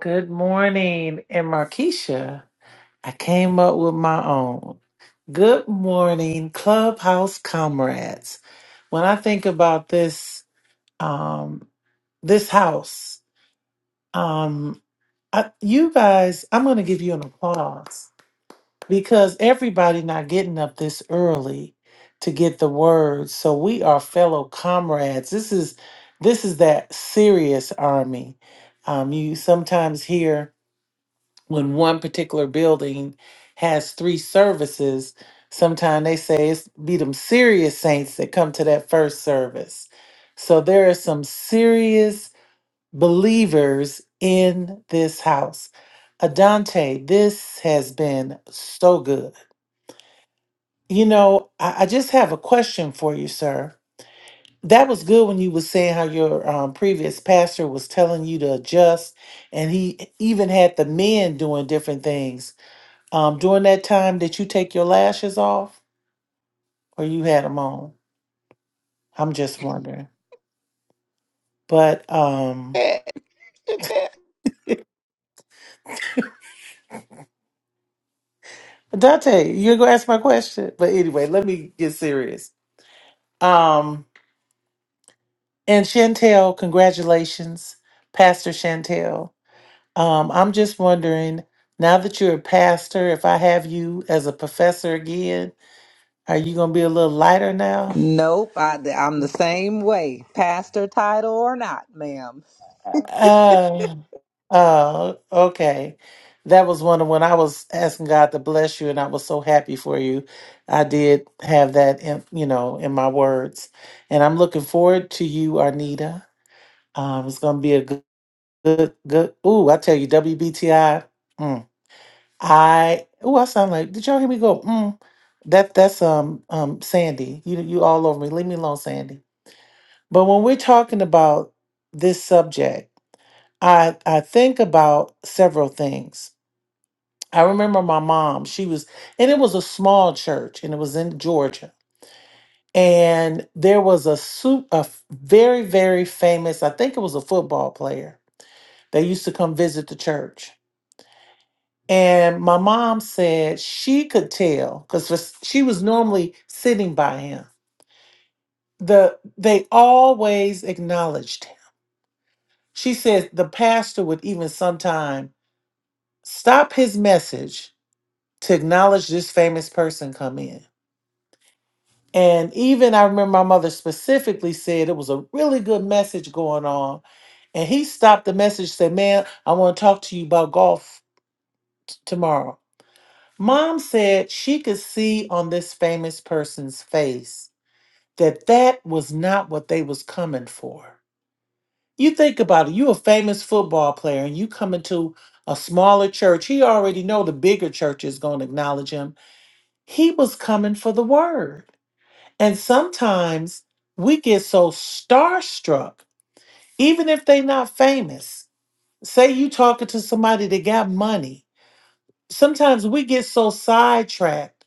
S2: Good morning. And Markeisha, I came up with my own. Good morning, Clubhouse comrades. When I think about this, um, this house, um, I, you guys, I'm going to give you an applause because everybody not getting up this early to get the word. So we are fellow comrades. This is this is that serious army. Um, you sometimes hear. when one particular building has three services, sometimes they say it's be them serious saints that come to that first service. So there are some serious believers in this house. Adante, this has been so good. You know, I, I just have a question for you, sir. That was good when you was saying how your um, previous pastor was telling you to adjust, and he even had the men doing different things um, during that time, did you take your lashes off or you had them on? I'm just wondering. But um, Dante, you're gonna ask my question. But anyway, let me get serious. Um, and Chantel, congratulations, Pastor Chantel. Um, I'm just wondering now that you're a pastor, if I have you as a professor again, are you gonna be a little lighter now?
S7: Nope, I, I'm the same way, pastor title or not, ma'am.
S2: Oh, oh, okay. That was one of when I was asking God to bless you, and I was so happy for you. I did have that, in, you know, in my words, and I'm looking forward to you, Arnita. Um, it's gonna be a good, good, good. Ooh, I tell you, WBTI. Mm, I ooh, I sound like. Did y'all hear me go? Mm, that that's um um Sandy. You you all over me. Leave me alone, Sandy. But when we're talking about this subject I I think about several things. I remember my mom, she was and it was a small church and it was in Georgia. And there was a soup a f- very very famous, I think it was a football player. They used to come visit the church. And my mom said she could tell cuz she was normally sitting by him. The they always acknowledged him. She said the pastor would even sometime stop his message to acknowledge this famous person come in. And even I remember my mother specifically said it was a really good message going on. And he stopped the message, said, Man, I want to talk to you about golf t- tomorrow. Mom said she could see on this famous person's face that that was not what they was coming for. You think about it, you a famous football player and you come into a smaller church. He already know the bigger church is going to acknowledge him. He was coming for the word. And sometimes we get so starstruck, even if they're not famous. Say you talking to somebody that got money. Sometimes we get so sidetracked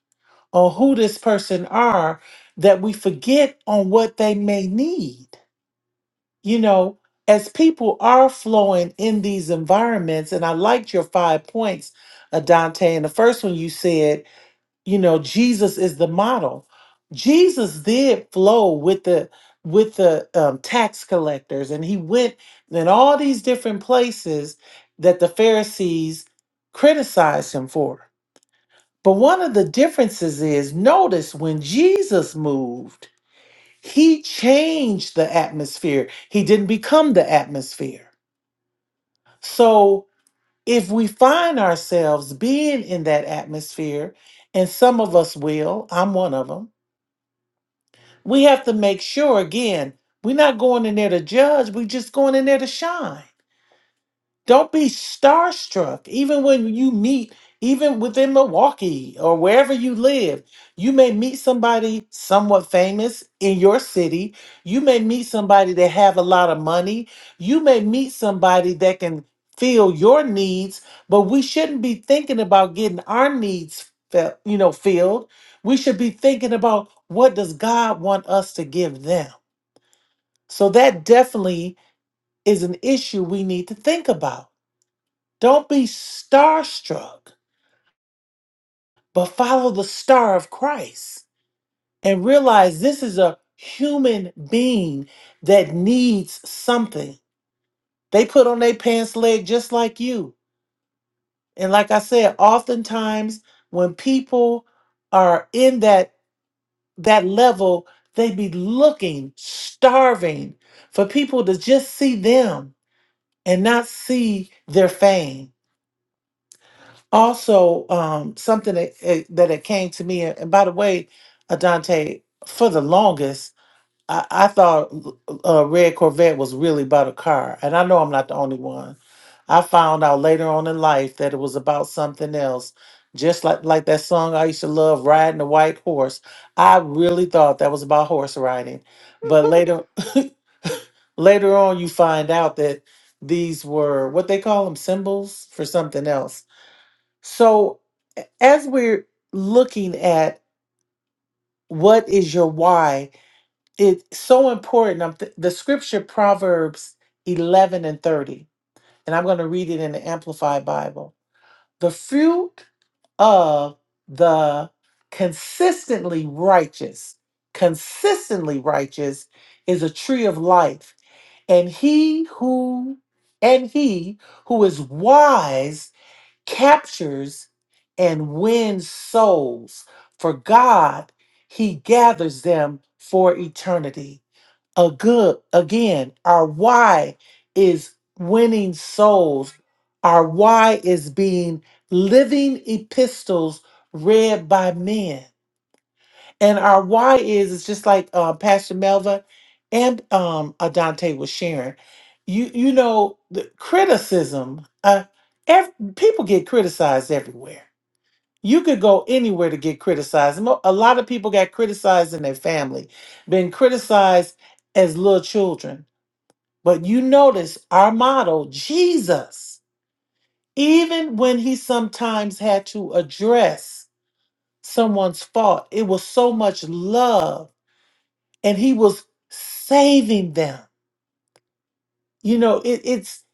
S2: on who this person are that we forget on what they may need. You know, as people are flowing in these environments, and I liked your five points, Adante. And the first one you said you know jesus is the model jesus did flow with the with the um, tax collectors and he went in all these different places that the pharisees criticized him for but one of the differences is notice when jesus moved he changed the atmosphere he didn't become the atmosphere so if we find ourselves being in that atmosphere and some of us will i'm one of them. we have to make sure again, we're not going in there to judge, we're just going in there to shine. Don't be starstruck. Even when you meet, even within Milwaukee or wherever you live, you may meet somebody somewhat famous in your city. You may meet somebody that have a lot of money. You may meet somebody that can fill your needs, but we shouldn't be thinking about getting our needs felt, you know, filled. We should be thinking about what does God want us to give them. So that definitely is an issue we need to think about don't be starstruck, but follow the star of Christ and realize this is a human being that needs something. They put on their pants leg just like you. And like I said, oftentimes when people are in that that level, they be looking, starving for people to just see them and not see their fame. also um something that it, that it came to me and, by the way adante for the longest i, I thought uh, red corvette was really about a car and i know i'm not the only one i found out later on in life that it was about something else just like like that song i used to love riding a white horse i really thought that was about horse riding but later later on you find out that these were what they call them symbols for something else so, as we're looking at what is your why, it's so important. I'm th- the scripture Proverbs 11 and 30, and I'm going to read it in the Amplified Bible. The fruit of the consistently righteous, consistently righteous is a tree of life, and he who and he who is wise captures and wins souls. For God, He gathers them for eternity. A good, again, our why is winning souls. Our why is being living epistles read by men. And our why is it's just like uh, Pastor Melva and um, Adante was sharing. You you know the criticism. Uh, ev- people get criticized everywhere. You could go anywhere to get criticized. Mo- A lot of people got criticized in their family, been criticized as little children. But you notice our model, Jesus, even when he sometimes had to address someone's fault, it was so much love and he was saving them. You know, it, it's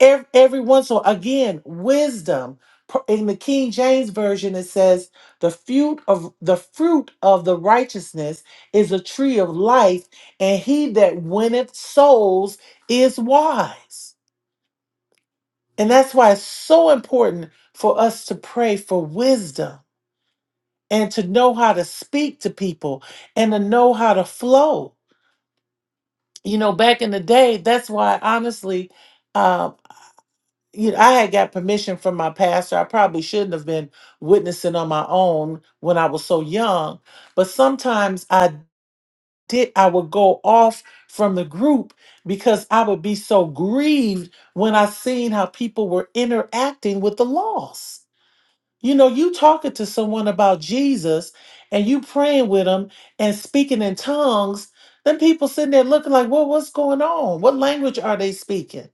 S2: every, every once in a while. Again, wisdom. Pr- In the King James version, it says, "The fruit of the fruit of the righteousness is a tree of life, and he that winneth souls is wise." And that's why it's so important for us to pray for wisdom and to know how to speak to people and to know how to flow you know, back in the day, that's why honestly, uh, you know, I had got permission from my pastor. I probably shouldn't have been witnessing on my own when I was so young, but sometimes I did. I would go off from the group because I would be so grieved when I seen how people were interacting with the lost you know, you talking to someone about Jesus and you praying with them and speaking in tongues, then people sitting there looking like, well, what's going on? What language are they speaking?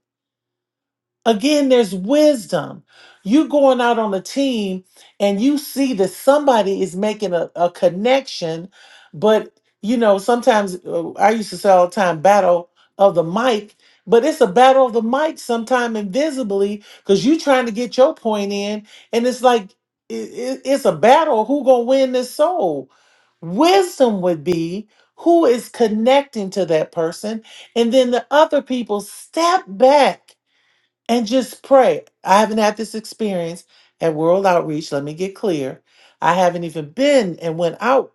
S2: Again, there's wisdom. You going out on a team and you see that somebody is making a, a connection, but you know, sometimes uh, I used to say all the time, battle of the mic, but it's a battle of the mic sometime invisibly because you trying to get your point in, and it's like i i- it's a battle. Who gonna win this soul? Wisdom would be who is connecting to that person, and then the other people step back and just pray. I haven't had this experience at World Outreach. Let me get clear. I haven't even been and went out.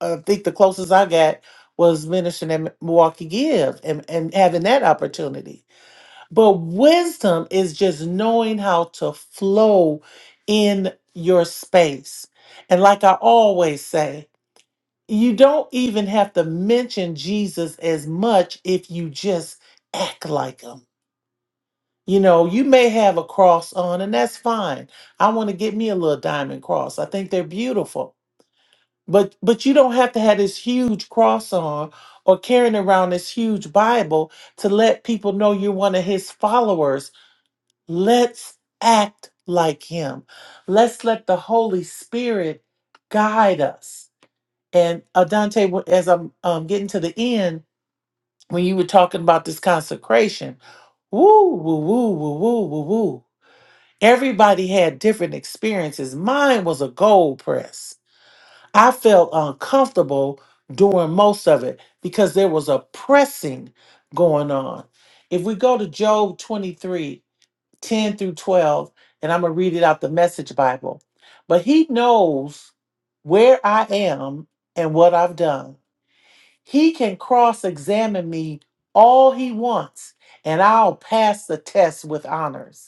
S2: I think the closest I got was ministering at Milwaukee Give and, and having that opportunity. But wisdom is just knowing how to flow in your space. And like I always say, you don't even have to mention Jesus as much if you just act like him you know, you may have a cross on, and that's fine. I want to get me a little diamond cross. I think they're beautiful. But but you don't have to have this huge cross on or carrying around this huge Bible to let people know you're one of his followers. Let's act like him. Let's let the Holy Spirit guide us. And Adante, wh- as I'm um, getting to the end, when you were talking about this consecration, woo, woo, woo, woo, woo, woo, woo. Everybody had different experiences. Mine was a gold press. I felt uncomfortable doing most of it because there was a pressing going on. If we go to Job 23, 10 through 12, and I'm going to read it out the message Bible, but he knows where I am and what I've done. He can cross examine me all he wants, and I'll pass the test with honors.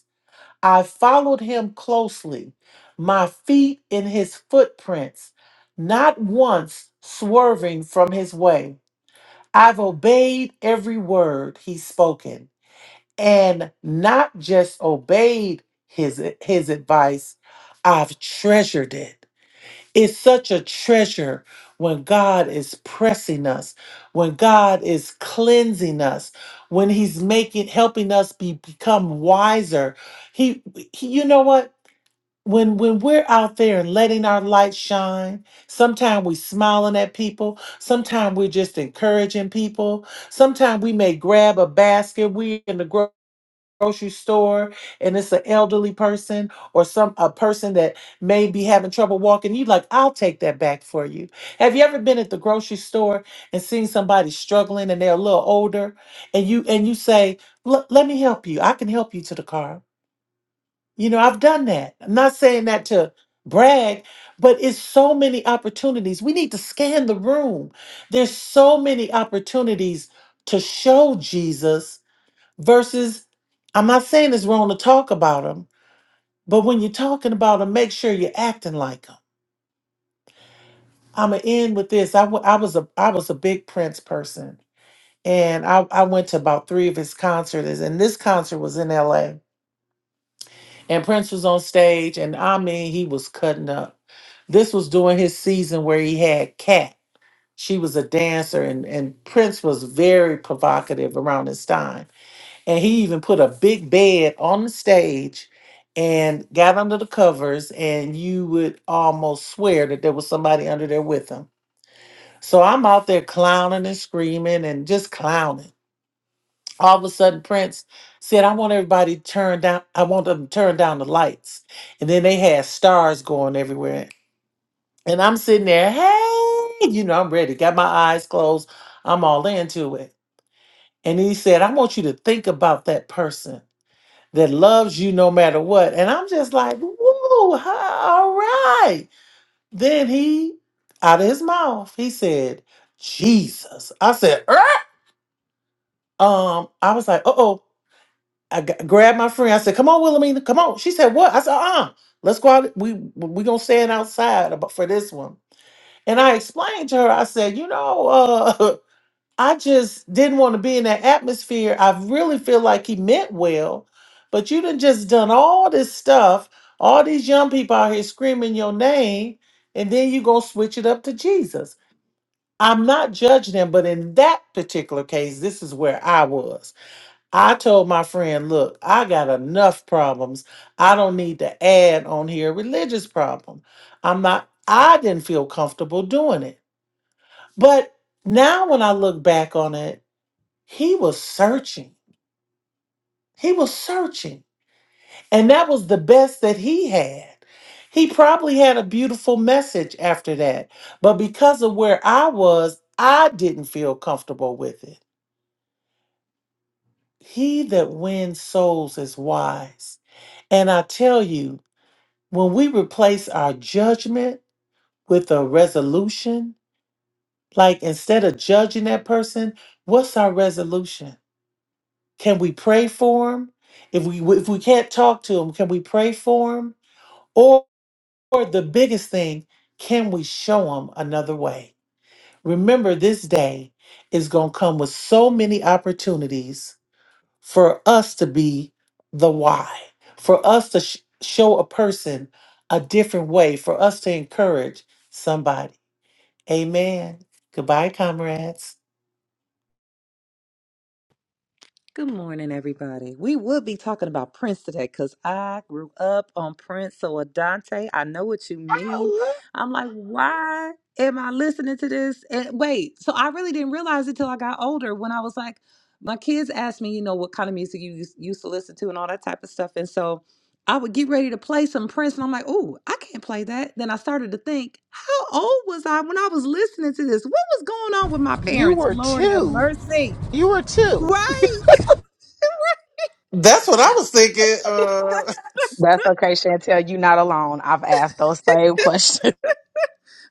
S2: I followed him closely, my feet in his footprints, not once swerving from his way. I've obeyed every word he's spoken, and not just obeyed his, his advice, I've treasured it. It's such a treasure when God is pressing us, when God is cleansing us, when He's making helping us be, become wiser. He, he, you know what? when when we're out there and letting our light shine sometimes we smiling at people sometimes we're just encouraging people sometimes we may grab a basket we in the gro- grocery store and it's an elderly person or some a person that may be having trouble walking you like i'll take that back for you have you ever been at the grocery store and seen somebody struggling and they're a little older and you and you say "Look, let me help you i can help you to the car you know, I've done that. I'm not saying that to brag, but it's so many opportunities. We need to scan the room. There's so many opportunities to show Jesus versus I'm not saying it's wrong to talk about him, but when you're talking about him, make sure you're acting like him. I'm gonna end with this. I w- I was a I was a big Prince person, and I, I went to about three of his concerts, and this concert was in L.A. and Prince was on stage, and I mean, he was cutting up. This was during his season where he had Cat. She was a dancer, and, and Prince was very provocative around his time. And he even put a big bed on the stage and got under the covers, and you would almost swear that there was somebody under there with him. So I'm out there clowning and screaming and just clowning all of a sudden Prince said, I want everybody to turn down, I want them to turn down the lights. And then they had stars going everywhere. And I'm sitting there, hey, you know, I'm ready, got my eyes closed, I'm all into it. And he said, I want you to think about that person that loves you no matter what. And I'm just like, woo, huh, all right. Then he, out of his mouth, he said, Jesus. I said, "Er." um, I was like, uh oh. I g- grabbed my friend. I said, "Come on, Wilhelmina, come on." She said, "What?" I said, "Uh, let's go out. We we gonna stand outside about for this one." And I explained to her. I said, "You know, uh, I just didn't want to be in that atmosphere. I really feel like he meant well, but you done just done all this stuff. All these young people out here screaming your name, and then you gonna switch it up to Jesus." I'm not judging him, but in that particular case, this is where I was. I told my friend, look, I got enough problems. I don't need to add on here a religious problem. I'm not, I didn't feel comfortable doing it. But now when I look back on it, he was searching. He was searching. And that was the best that he had. He probably had a beautiful message after that. But because of where I was, I didn't feel comfortable with it. He that wins souls is wise. And I tell you, when we replace our judgment with a resolution, like instead of judging that person, what's our resolution? Can we pray for them? If we if we can't talk to them, can we pray for them? Or, or the biggest thing, can we show them another way? Remember, this day is going to come with so many opportunities for us to be the why, for us to sh- show a person a different way, for us to encourage somebody. Amen. Goodbye, comrades.
S7: Good morning, everybody. We would be talking about Prince today because I grew up on Prince. So, Adante, I know what you mean.
S3: okay.
S7: I'm like, why am I listening to this? And wait, so I really didn't realize it till I got older when I was like, my kids asked me, you know, what kind of music you used used to listen to and all that type of stuff. And so I would get ready to play some Prince, and I'm like, oh, I can't play that. Then I started to think, how old was I when I was listening to this? What was going on with my
S5: you
S7: parents?
S5: were
S7: Lord have
S5: two.
S7: mercy.
S5: You were two.
S7: Right?
S2: That's what I was thinking. Uh,
S8: That's okay, Chantel. You're not alone. I've asked those same questions.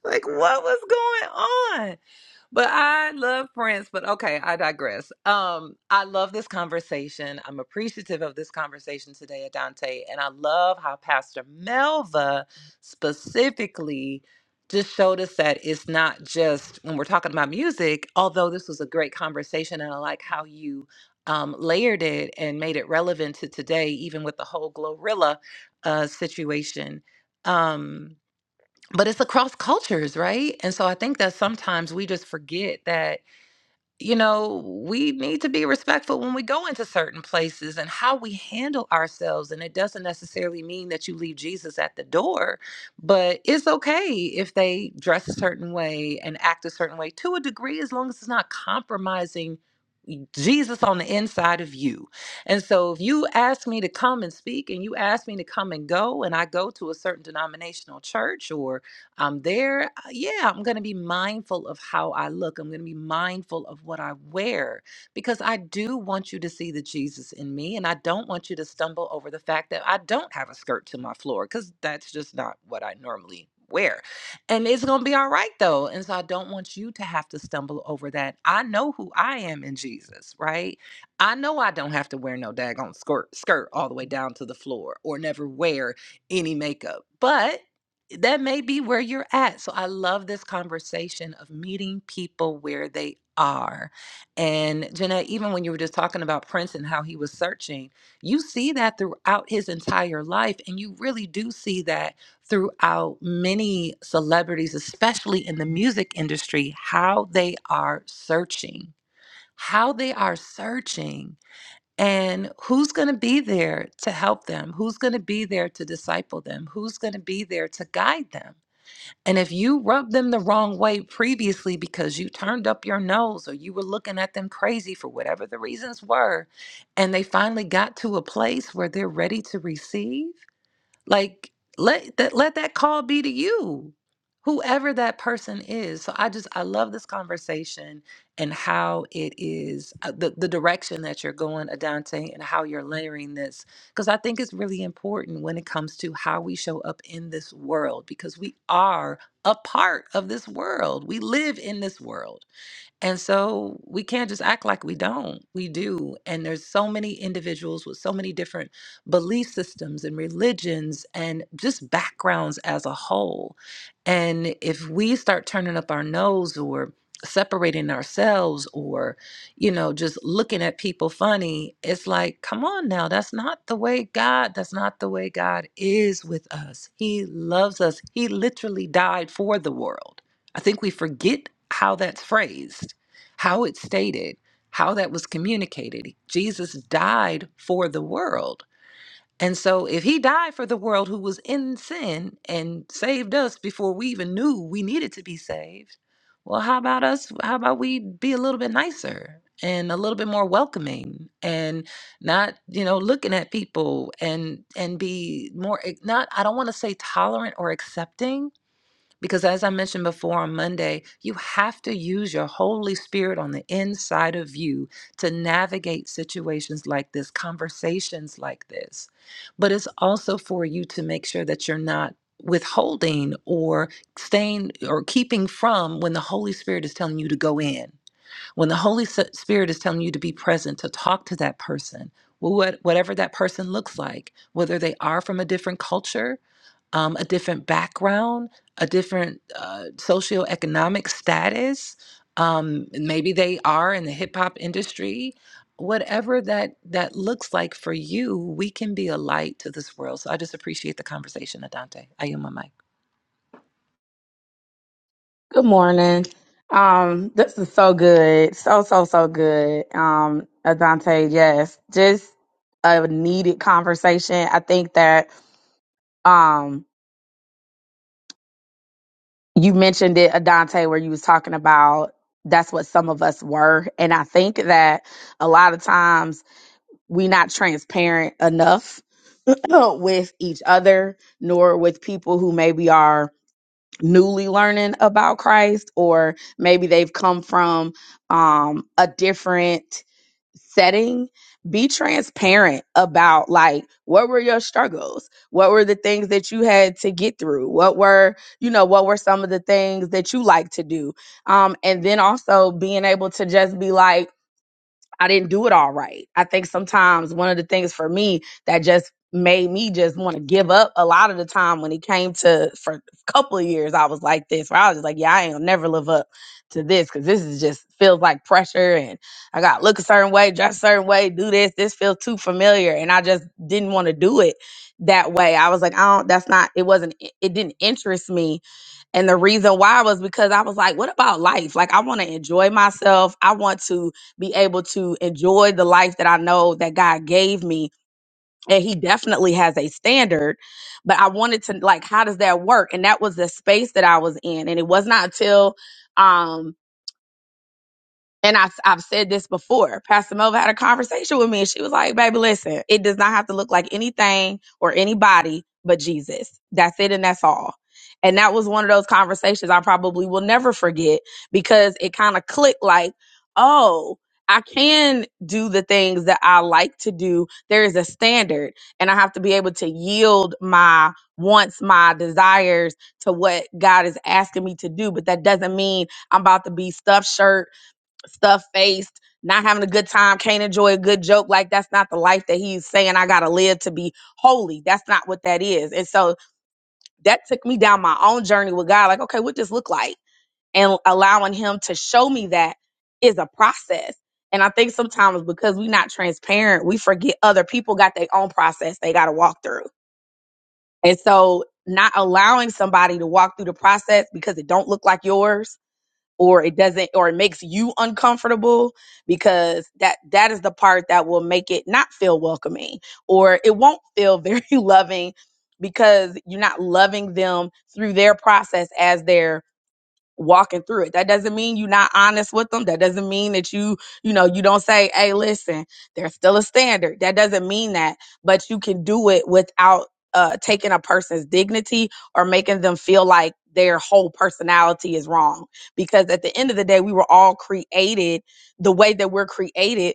S7: like what was going on but i love prince but okay i digress um i love this conversation i'm appreciative of this conversation today adante and i love how pastor melva specifically just showed us that it's not just when we're talking about music although this was a great conversation and i like how you um, layered it and made it relevant to today even with the whole glorilla uh, situation um but it's across cultures, right? And so I think that sometimes we just forget that, you know, we need to be respectful when we go into certain places and how we handle ourselves. And it doesn't necessarily mean that you leave Jesus at the door, but it's okay if they dress a certain way and act a certain way to a degree, as long as it's not compromising. Jesus on the inside of you. And so if you ask me to come and speak and you ask me to come and go and I go to a certain denominational church or I'm there. uh, Yeah, I'm going to be mindful of how I look. I'm going to be mindful of what I wear because I do want you to see the Jesus in me. And I don't want you to stumble over the fact that I don't have a skirt to my floor because that's just not what I normally wear. And it's going to be all right though. And so I don't want you to have to stumble over that. I know who I am in Jesus, right? I know I don't have to wear no daggone skirt, skirt all the way down to the floor or never wear any makeup. But that may be where you're at. So I love this conversation of meeting people where they are. And Jeanette, even when you were just talking about Prince and how he was searching, you see that throughout his entire life. And you really do see that throughout many celebrities, especially in the music industry, how they are searching, how they are searching. And who's going to be there to help them? Who's going to be there to disciple them? Who's going to be there to guide them? And if you rubbed them the wrong way previously because you turned up your nose or you were looking at them crazy for whatever the reasons were, and they finally got to a place where they're ready to receive, like let that let that call be to you, whoever that person is. So I just I love this conversation and how it is uh, the the direction that you're going, Adante, and how you're layering this because I think it's really important when it comes to how we show up in this world because we are a part of this world. We live in this world. And so we can't just act like we don't. We do. And there's so many individuals with so many different belief systems and religions and just backgrounds as a whole. And if we start turning up our nose or separating ourselves or you know just looking at people funny it's like come on now that's not the way god that's not the way god is with us he loves us he literally died for the world i think we forget how that's phrased how it's stated, how that was communicated. Jesus died for the world. And so, if he died for the world who was in sin and saved us before we even knew we needed to be saved, well, how about us? How about we be a little bit nicer and a little bit more welcoming and not, you know, looking at people and and be more eh, not I don't want to say tolerant or accepting, because as I mentioned before on Monday, you have to use your Holy Spirit on the inside of you to navigate situations like this, conversations like this. But it's also for you to make sure that you're not withholding or staying or keeping from when the Holy Spirit is telling you to go in when the Holy S- Spirit is telling you to be present, to talk to that person, wh- what, whatever that person looks like, whether they are from a different culture, um, a different background, a different uh, socioeconomic status. Um, maybe they are in the hip hop industry whatever that that looks like for you, we can be a light to this world. So I just appreciate the conversation, Adante. I am my mic.
S8: good morning. Um, this is so good. So, so, so good. Um, Adante, yes. Just a needed conversation. I think that um you mentioned it, Adante, where you was talking about that's what some of us were. And I think that a lot of times we not transparent enough with each other, nor with people who maybe are newly learning about Christ, or maybe they've come from um, a different setting. Be transparent about like what were your struggles? What were the things that you had to get through? What were, you know, what were some of the things that you like to do? Um, and then also being able to just be like, I didn't do it all right. I think sometimes one of the things for me that just made me just want to give up a lot of the time when it came to for a couple of years I was like this where I was just like yeah I ain't gonna never live up to this because this is just feels like pressure and I got to look a certain way dress a certain way do this this feels too familiar and I just didn't want to do it that way I was like I don't that's not it wasn't it didn't interest me and the reason why was because I was like, what about life? Like, I want to enjoy myself. I want to be able to enjoy the life that I know that God gave me. And He definitely has a standard. But I wanted to, like, how does that work? And that was the space that I was in. And it was not until, um, and I, I've said this before. Pastor Melva had a conversation with me, and she was like, "Baby, listen, it does not have to look like anything or anybody but Jesus. That's it, and that's all." And that was one of those conversations I probably will never forget because it kind of clicked like, "Oh." I can do the things that I like to do. There is a standard, and I have to be able to yield my wants, my desires to what God is asking me to do. But that doesn't mean I'm about to be stuffed shirt stuff faced, not having a good time, can't enjoy a good joke. Like that's not the life that he's saying I gotta live to be holy. That's not what that is. And so that took me down my own journey with God. Like, okay, what does this look like? And allowing him to show me that is a process. And I think sometimes because we're not transparent, we forget other people got their own process they gotta walk through. And so not allowing somebody to walk through the process because it don't look like yours or it doesn't or it makes you uncomfortable because that that is the part that will make it not feel welcoming or it won't feel very loving because you're not loving them through their process as they're walking through it. That doesn't mean you're not honest with them. That doesn't mean that you, you know, you don't say, hey, listen, there's still a standard. That doesn't mean that, but you can do it without uh, taking a person's dignity or making them feel like their whole personality is wrong. Because at the end of the day, we were all created the way that we're created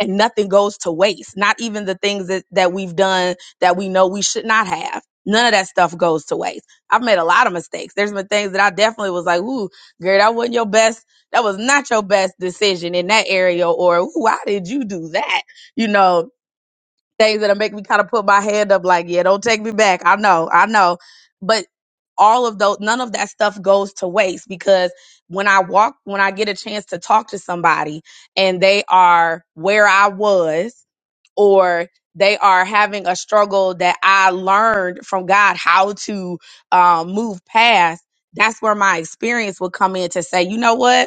S8: and nothing goes to waste not even the things that, that we've done that we know we should not have none of that stuff goes to waste i've made a lot of mistakes there's been things that i definitely was like ooh girl that wasn't your best that was not your best decision in that area or ooh why did you do that you know things that'll make me kind of put my hand up like, yeah, don't take me back. I know, I know. But all of those none of that stuff goes to waste because when I walk when I get a chance to talk to somebody and they are where I was or they are having a struggle that I learned from God how to um, move past, that's where my experience will come in to say, you know what?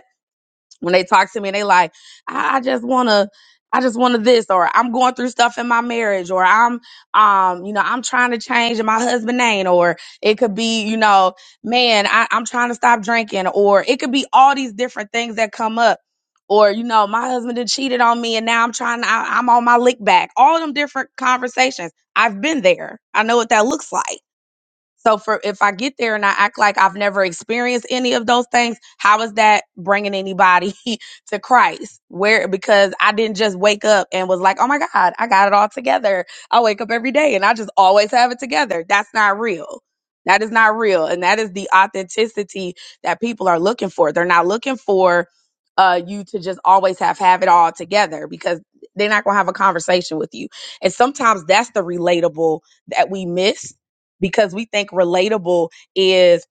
S8: when they talk to me and they like i I just want to i just want to this or i'm going through stuff in my marriage or i'm um you know i'm trying to change and my husband ain't or it could be you know man I, i'm trying to stop drinking or it could be all these different things that come up or you know my husband had cheated on me and now i'm trying to I, i'm on my lick back all of them different conversations i've been there i know what that looks like so for if I get there and I act like I've never experienced any of those things, how is that bringing anybody to Christ? Where because I didn't just wake up and was like, "Oh my god, I got it all together." I wake up every day and I just always have it together. That's not real. That is not real, and that is the authenticity that people are looking for. They're not looking for uh you to just always have have it all together because they're not going to have a conversation with you. And sometimes that's the relatable that we miss because we think relatable is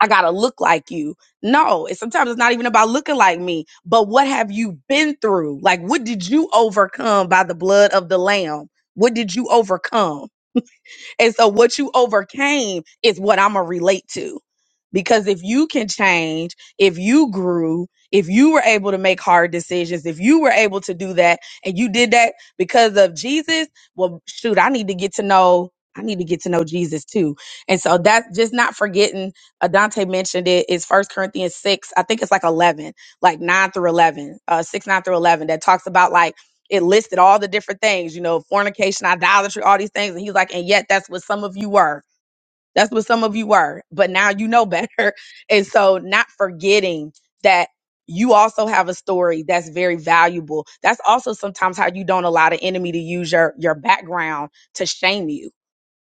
S8: I gotta look like you. No, it's sometimes it's not even about looking like me, but what have you been through? Like, what did you overcome by the blood of the Lamb? What did you overcome? And so what you overcame is what I'm going to relate to. Because if you can change, if you grew, if you were able to make hard decisions, if you were able to do that and you did that because of Jesus, well, shoot, I need to get to know. I need to get to know Jesus too. And so that's just not forgetting, uh, Dante mentioned it, is First Corinthians 6, I think it's like 11, like 9 through 11, uh, 6, 9 through 11, that talks about like it listed all the different things, you know, fornication, idolatry, all these things. And he's like, and yet that's what some of you were. That's what some of you were. But now you know better. And so not forgetting that you also have a story that's very valuable. That's also sometimes how you don't allow the enemy to use your your background to shame you.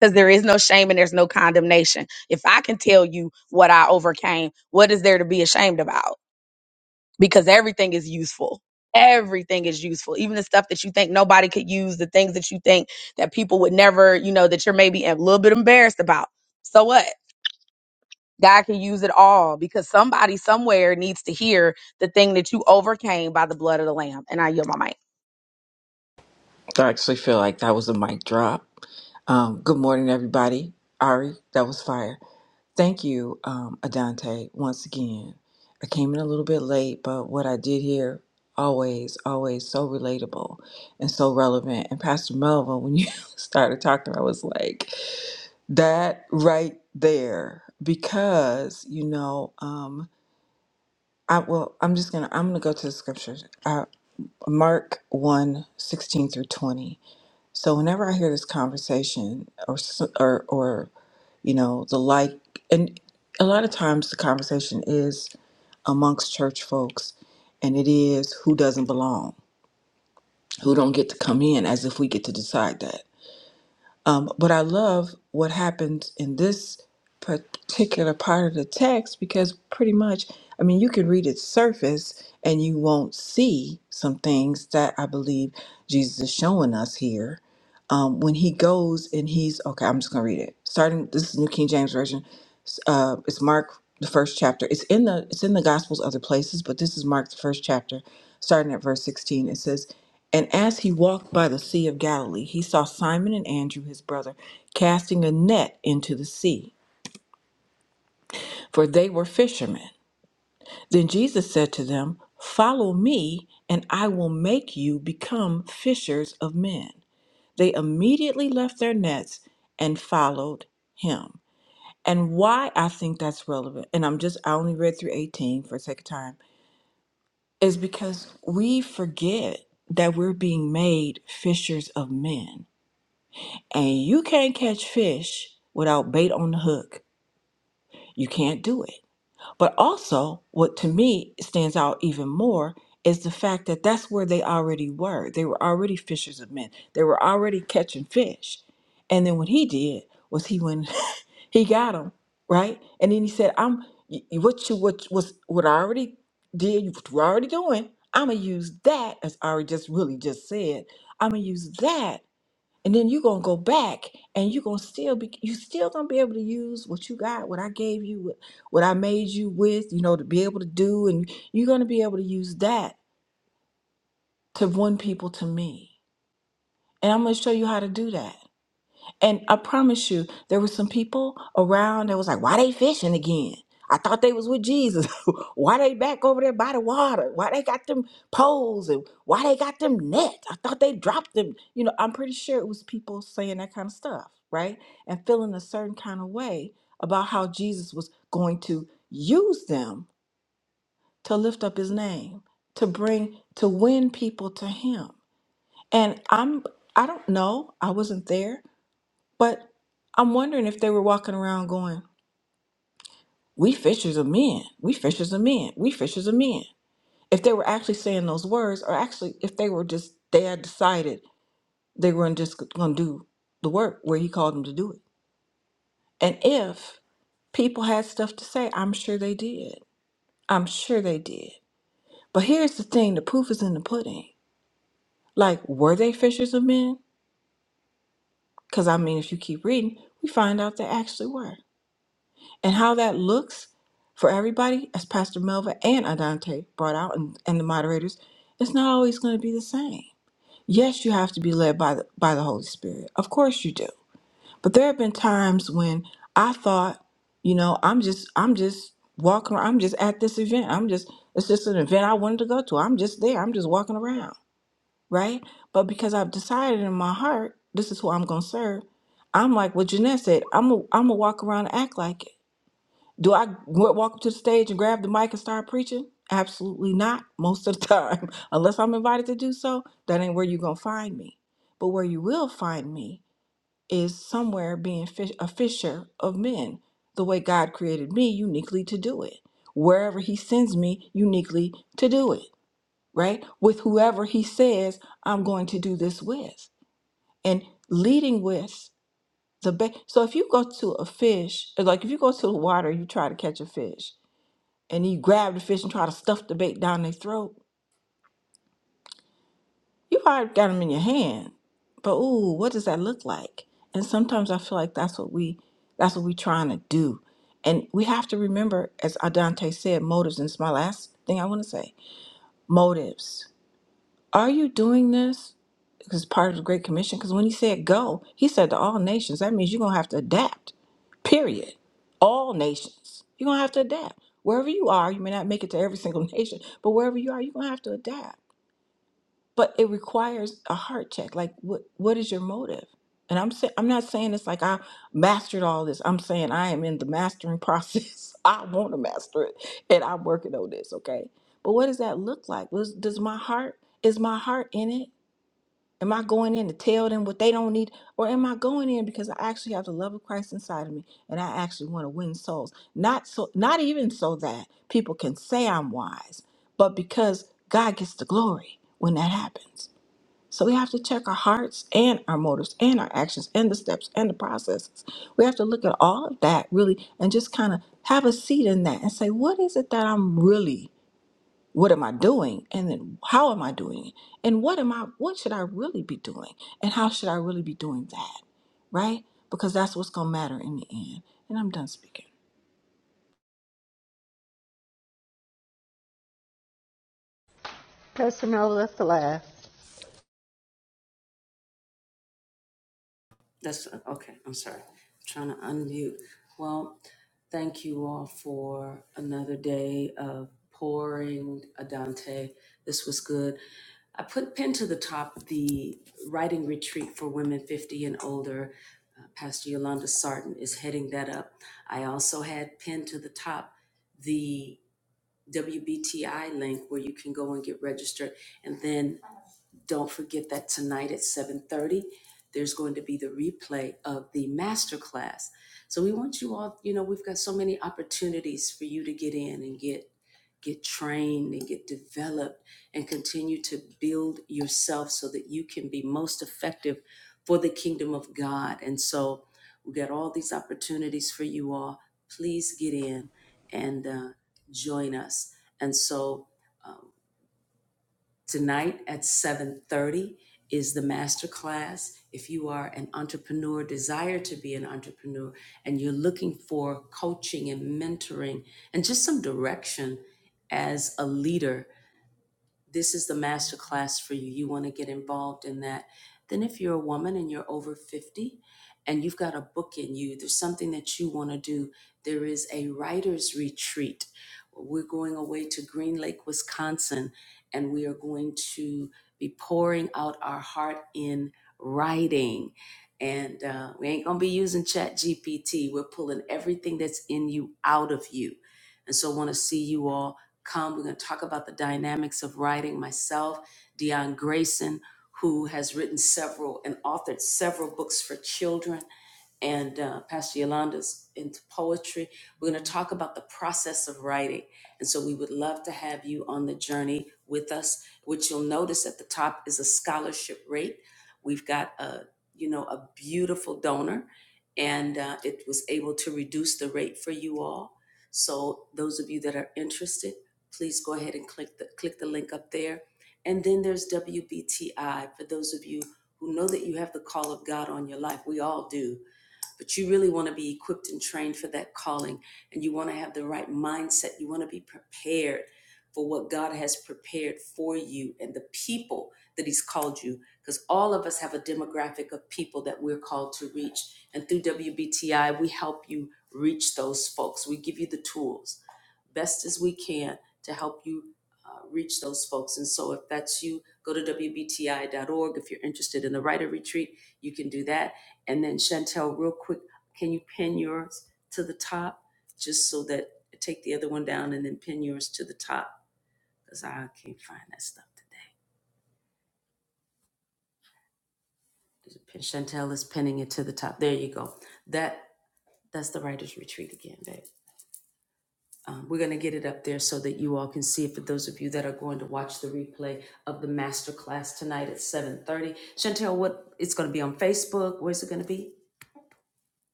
S8: Because there is no shame and there's no condemnation. If I can tell you what I overcame, what is there to be ashamed about? because everything is useful. Everything is useful. Even the stuff that you think nobody could use, the things that you think that people would never, you know, that you're maybe a little bit embarrassed about. So what? God can use it all because somebody somewhere needs to hear the thing that you overcame by the blood of the Lamb. And I yield my mic.
S9: I actually feel like that was a mic drop. Um, good morning, everybody. Ari, that was fire. Thank you, um, Adante, once again. I came in a little bit late, but what I did here, always, always so relatable and so relevant. And Pastor Melvin, when you started talking, I was like, that right there. Because, you know, um, I well, I'm just gonna I'm gonna go to the scriptures. Uh, Mark one 16 through 20. So whenever I hear this conversation, or s- or or you know the like, and a lot of times the conversation is amongst church folks, and it is who doesn't belong, who don't get to come in, as if we get to decide that. Um, but I love what happens in this particular part of the text because pretty much, I mean, you can read its surface and you won't see some things that I believe Jesus is showing us here um, when he goes and he's okay, I'm just gonna read it. Starting this is New King James Version. S- Uh, it's Mark the first chapter. It's in the it's in the Gospels other places, but this is Mark the first chapter, starting at verse 16. It says, "And as he walked by the Sea of Galilee, he saw Simon and Andrew his brother casting a net into the sea, for they were fishermen." Then Jesus said to them, 'Follow me, and I will make you become fishers of men." They immediately left their nets and followed him. And why I think that's relevant, and I'm just, I only read through 18 for the sake of time, is because we forget that we're being made fishers of men. And you can't catch fish without bait on the hook. You can't do it. But also, what to me stands out even more is the fact that that's where they already were. They were already fishers of men. They were already catching fish. And then what he did was he went, he got them, right? And then he said, "I'm y- y- what you what was what I already did, what we're already doing. I'm gonna use that as Ari just really just said. I'm gonna use that and then you're gonna go back and you're gonna still be you still gonna be able to use what you got what i gave you what, what i made you with you know to be able to do and you're gonna be able to use that to win people to me and i'm gonna show you how to do that and I promise you, there were some people around that was like, why they fishing again? I thought they was with Jesus. why they back over there by the water? Why they got them poles and why they got them nets? I thought they dropped them. You know, I'm pretty sure it was people saying that kind of stuff, right? And feeling a certain kind of way about how Jesus was going to use them to lift up his name, to bring to win people to him. And I'm I don't know, I wasn't there, but I'm wondering if they were walking around going, We fishers of men, we fishers of men, we fishers of men. If they were actually saying those words, or actually if they were just, they had decided they were just going to do the work where he called them to do it. And if people had stuff to say, I'm sure they did. I'm sure they did. But here's the thing the proof is in the pudding. Like, were they fishers of men? Because, I mean, if you keep reading, we find out they actually were. And how that looks for everybody, as Pastor Melva and Adante brought out and, and the moderators, it's not always going to be the same. Yes, you have to be led by the, by the Holy Spirit. Of course you do. But there have been times when I thought, you know, I'm just I'm just walking around, I'm just at this event. I'm just it's just an event I wanted to go to. I'm just there. I'm just walking around, right? But because I've decided in my heart this is who I'm going to serve, I'm like what Jeanette said, I'm a, I'm going to walk around and act like it. Do I wa- walk up to the stage and grab the mic and start preaching? Absolutely not, most of the time. Unless I'm invited to do so, that ain't where you're going to find me. But where you will find me is somewhere being fish, a fisher of men, the way God created me uniquely to do it. Wherever He sends me uniquely to do it, right? With whoever He says I'm going to do this with. And leading with the best. So if you go to a fish, like if you go to the water, you try to catch a fish and you grab the fish and try to stuff the bait down their throat, you probably got them in your hand. But ooh, what does that look like? And sometimes I feel like that's what we that's what we trying to do. And we have to remember, as Adante said, motives. And it's my last thing I want to say. Motives. Are you doing this? Because part of the Great Commission, because when he said go, he said to all nations, that means you're going to have to adapt, period. All nations. You're going to have to adapt. Wherever you are, you may not make it to every single nation, but wherever you are, you're going to have to adapt. But it requires a heart check. Like, what, what is your motive? And I'm saying, I'm not saying it's like I mastered all this. I'm saying I am in the mastering process. I want to master it, and I'm working on this. Okay, but what does that look like? Was, does my heart is my heart in it? Am I going in to tell them what they don't need? Or am I going in because I actually have the love of Christ inside of me and I actually want to win souls? Not so not even so that people can say I'm wise, but because God gets the glory when that happens. So we have to check our hearts and our motives and our actions and the steps and the processes. We have to look at all of that really and just kind of have a seat in that and say, what is it that I'm really what am I doing? And then how am I doing it? And what am I what should I really be doing? And how should I really be doing that? Right? Because that's what's gonna matter in the end. And I'm done speaking.
S5: Pastor Mel, that's the last.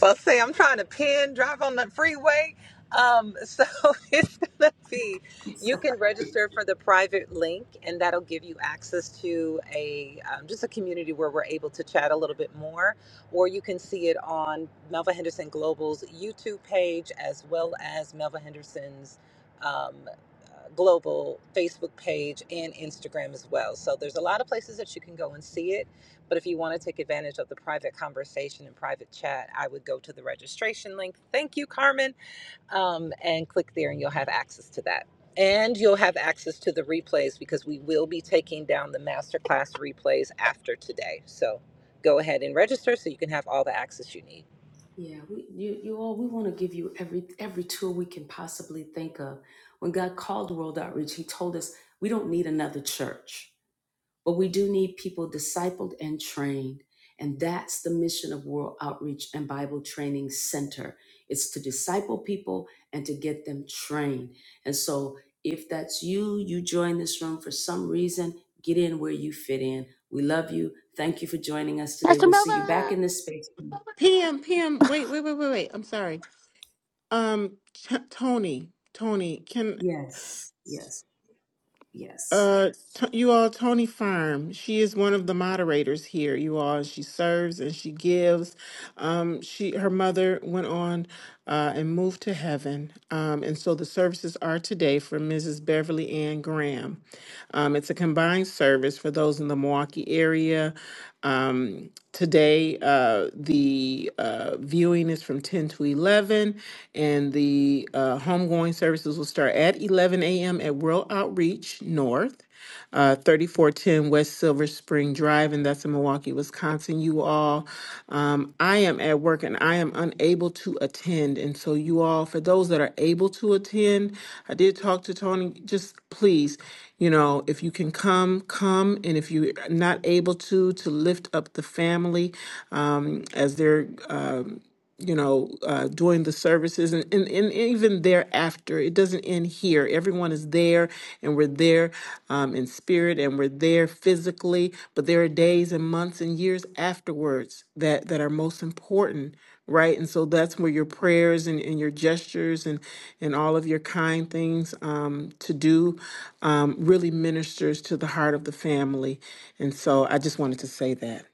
S7: Well, say I'm trying to pin drive on the freeway. Um, so it's gonna be you can register for the private link, and that'll give you access to a um, just a community where we're able to chat a little bit more. Or you can see it on Melva Henderson Global's YouTube page as well as Melva Henderson's um, uh, global Facebook page and Instagram as well. So there's a lot of places that you can go and see it but if you want to take advantage of the private conversation and private chat, I would go to the registration link. Thank you, Carmen. Um, and click there, and you'll have access to that. And you'll have access to the replays because we will be taking down the masterclass replays after today. So go ahead and register so you can have all the access you need.
S10: Mr. Melvin.
S5: PM, PM. Wait, wait, wait, wait, wait. I'm sorry. Um, T- Tony, Tony. Can Uh, t- you all, Tony Farm. She is one of the moderators here. You all, and she serves and she gives. Um, she her mother went on uh, and moved to heaven, um, and so the services are today for Mrs. Beverly Ann Graham. Um, it's a combined service for those in the Milwaukee area. Um, today, uh, the uh, viewing is from 10 to 11, and the uh, homegoing services will start at 11 a.m. at World Outreach North, uh, 3410 West Silver Spring Drive, and that's in Milwaukee, Wisconsin. You all um, I am at work and I am unable to attend. And so, you all, for those that are able to attend, I did talk to Tony. Just please, you know, if you can come, come. And if you're not able to, to lift up the family um, as they're. uh, you know, uh, doing the services and, and, and even thereafter. It doesn't end here. Everyone is there and we're there um, in spirit and we're there physically, but there are days and months and years afterwards that, that are most important, right? And so that's where your prayers and, and your gestures and, and all of your kind things um, to do um, really ministers to the heart of the family. And so I just wanted to say that.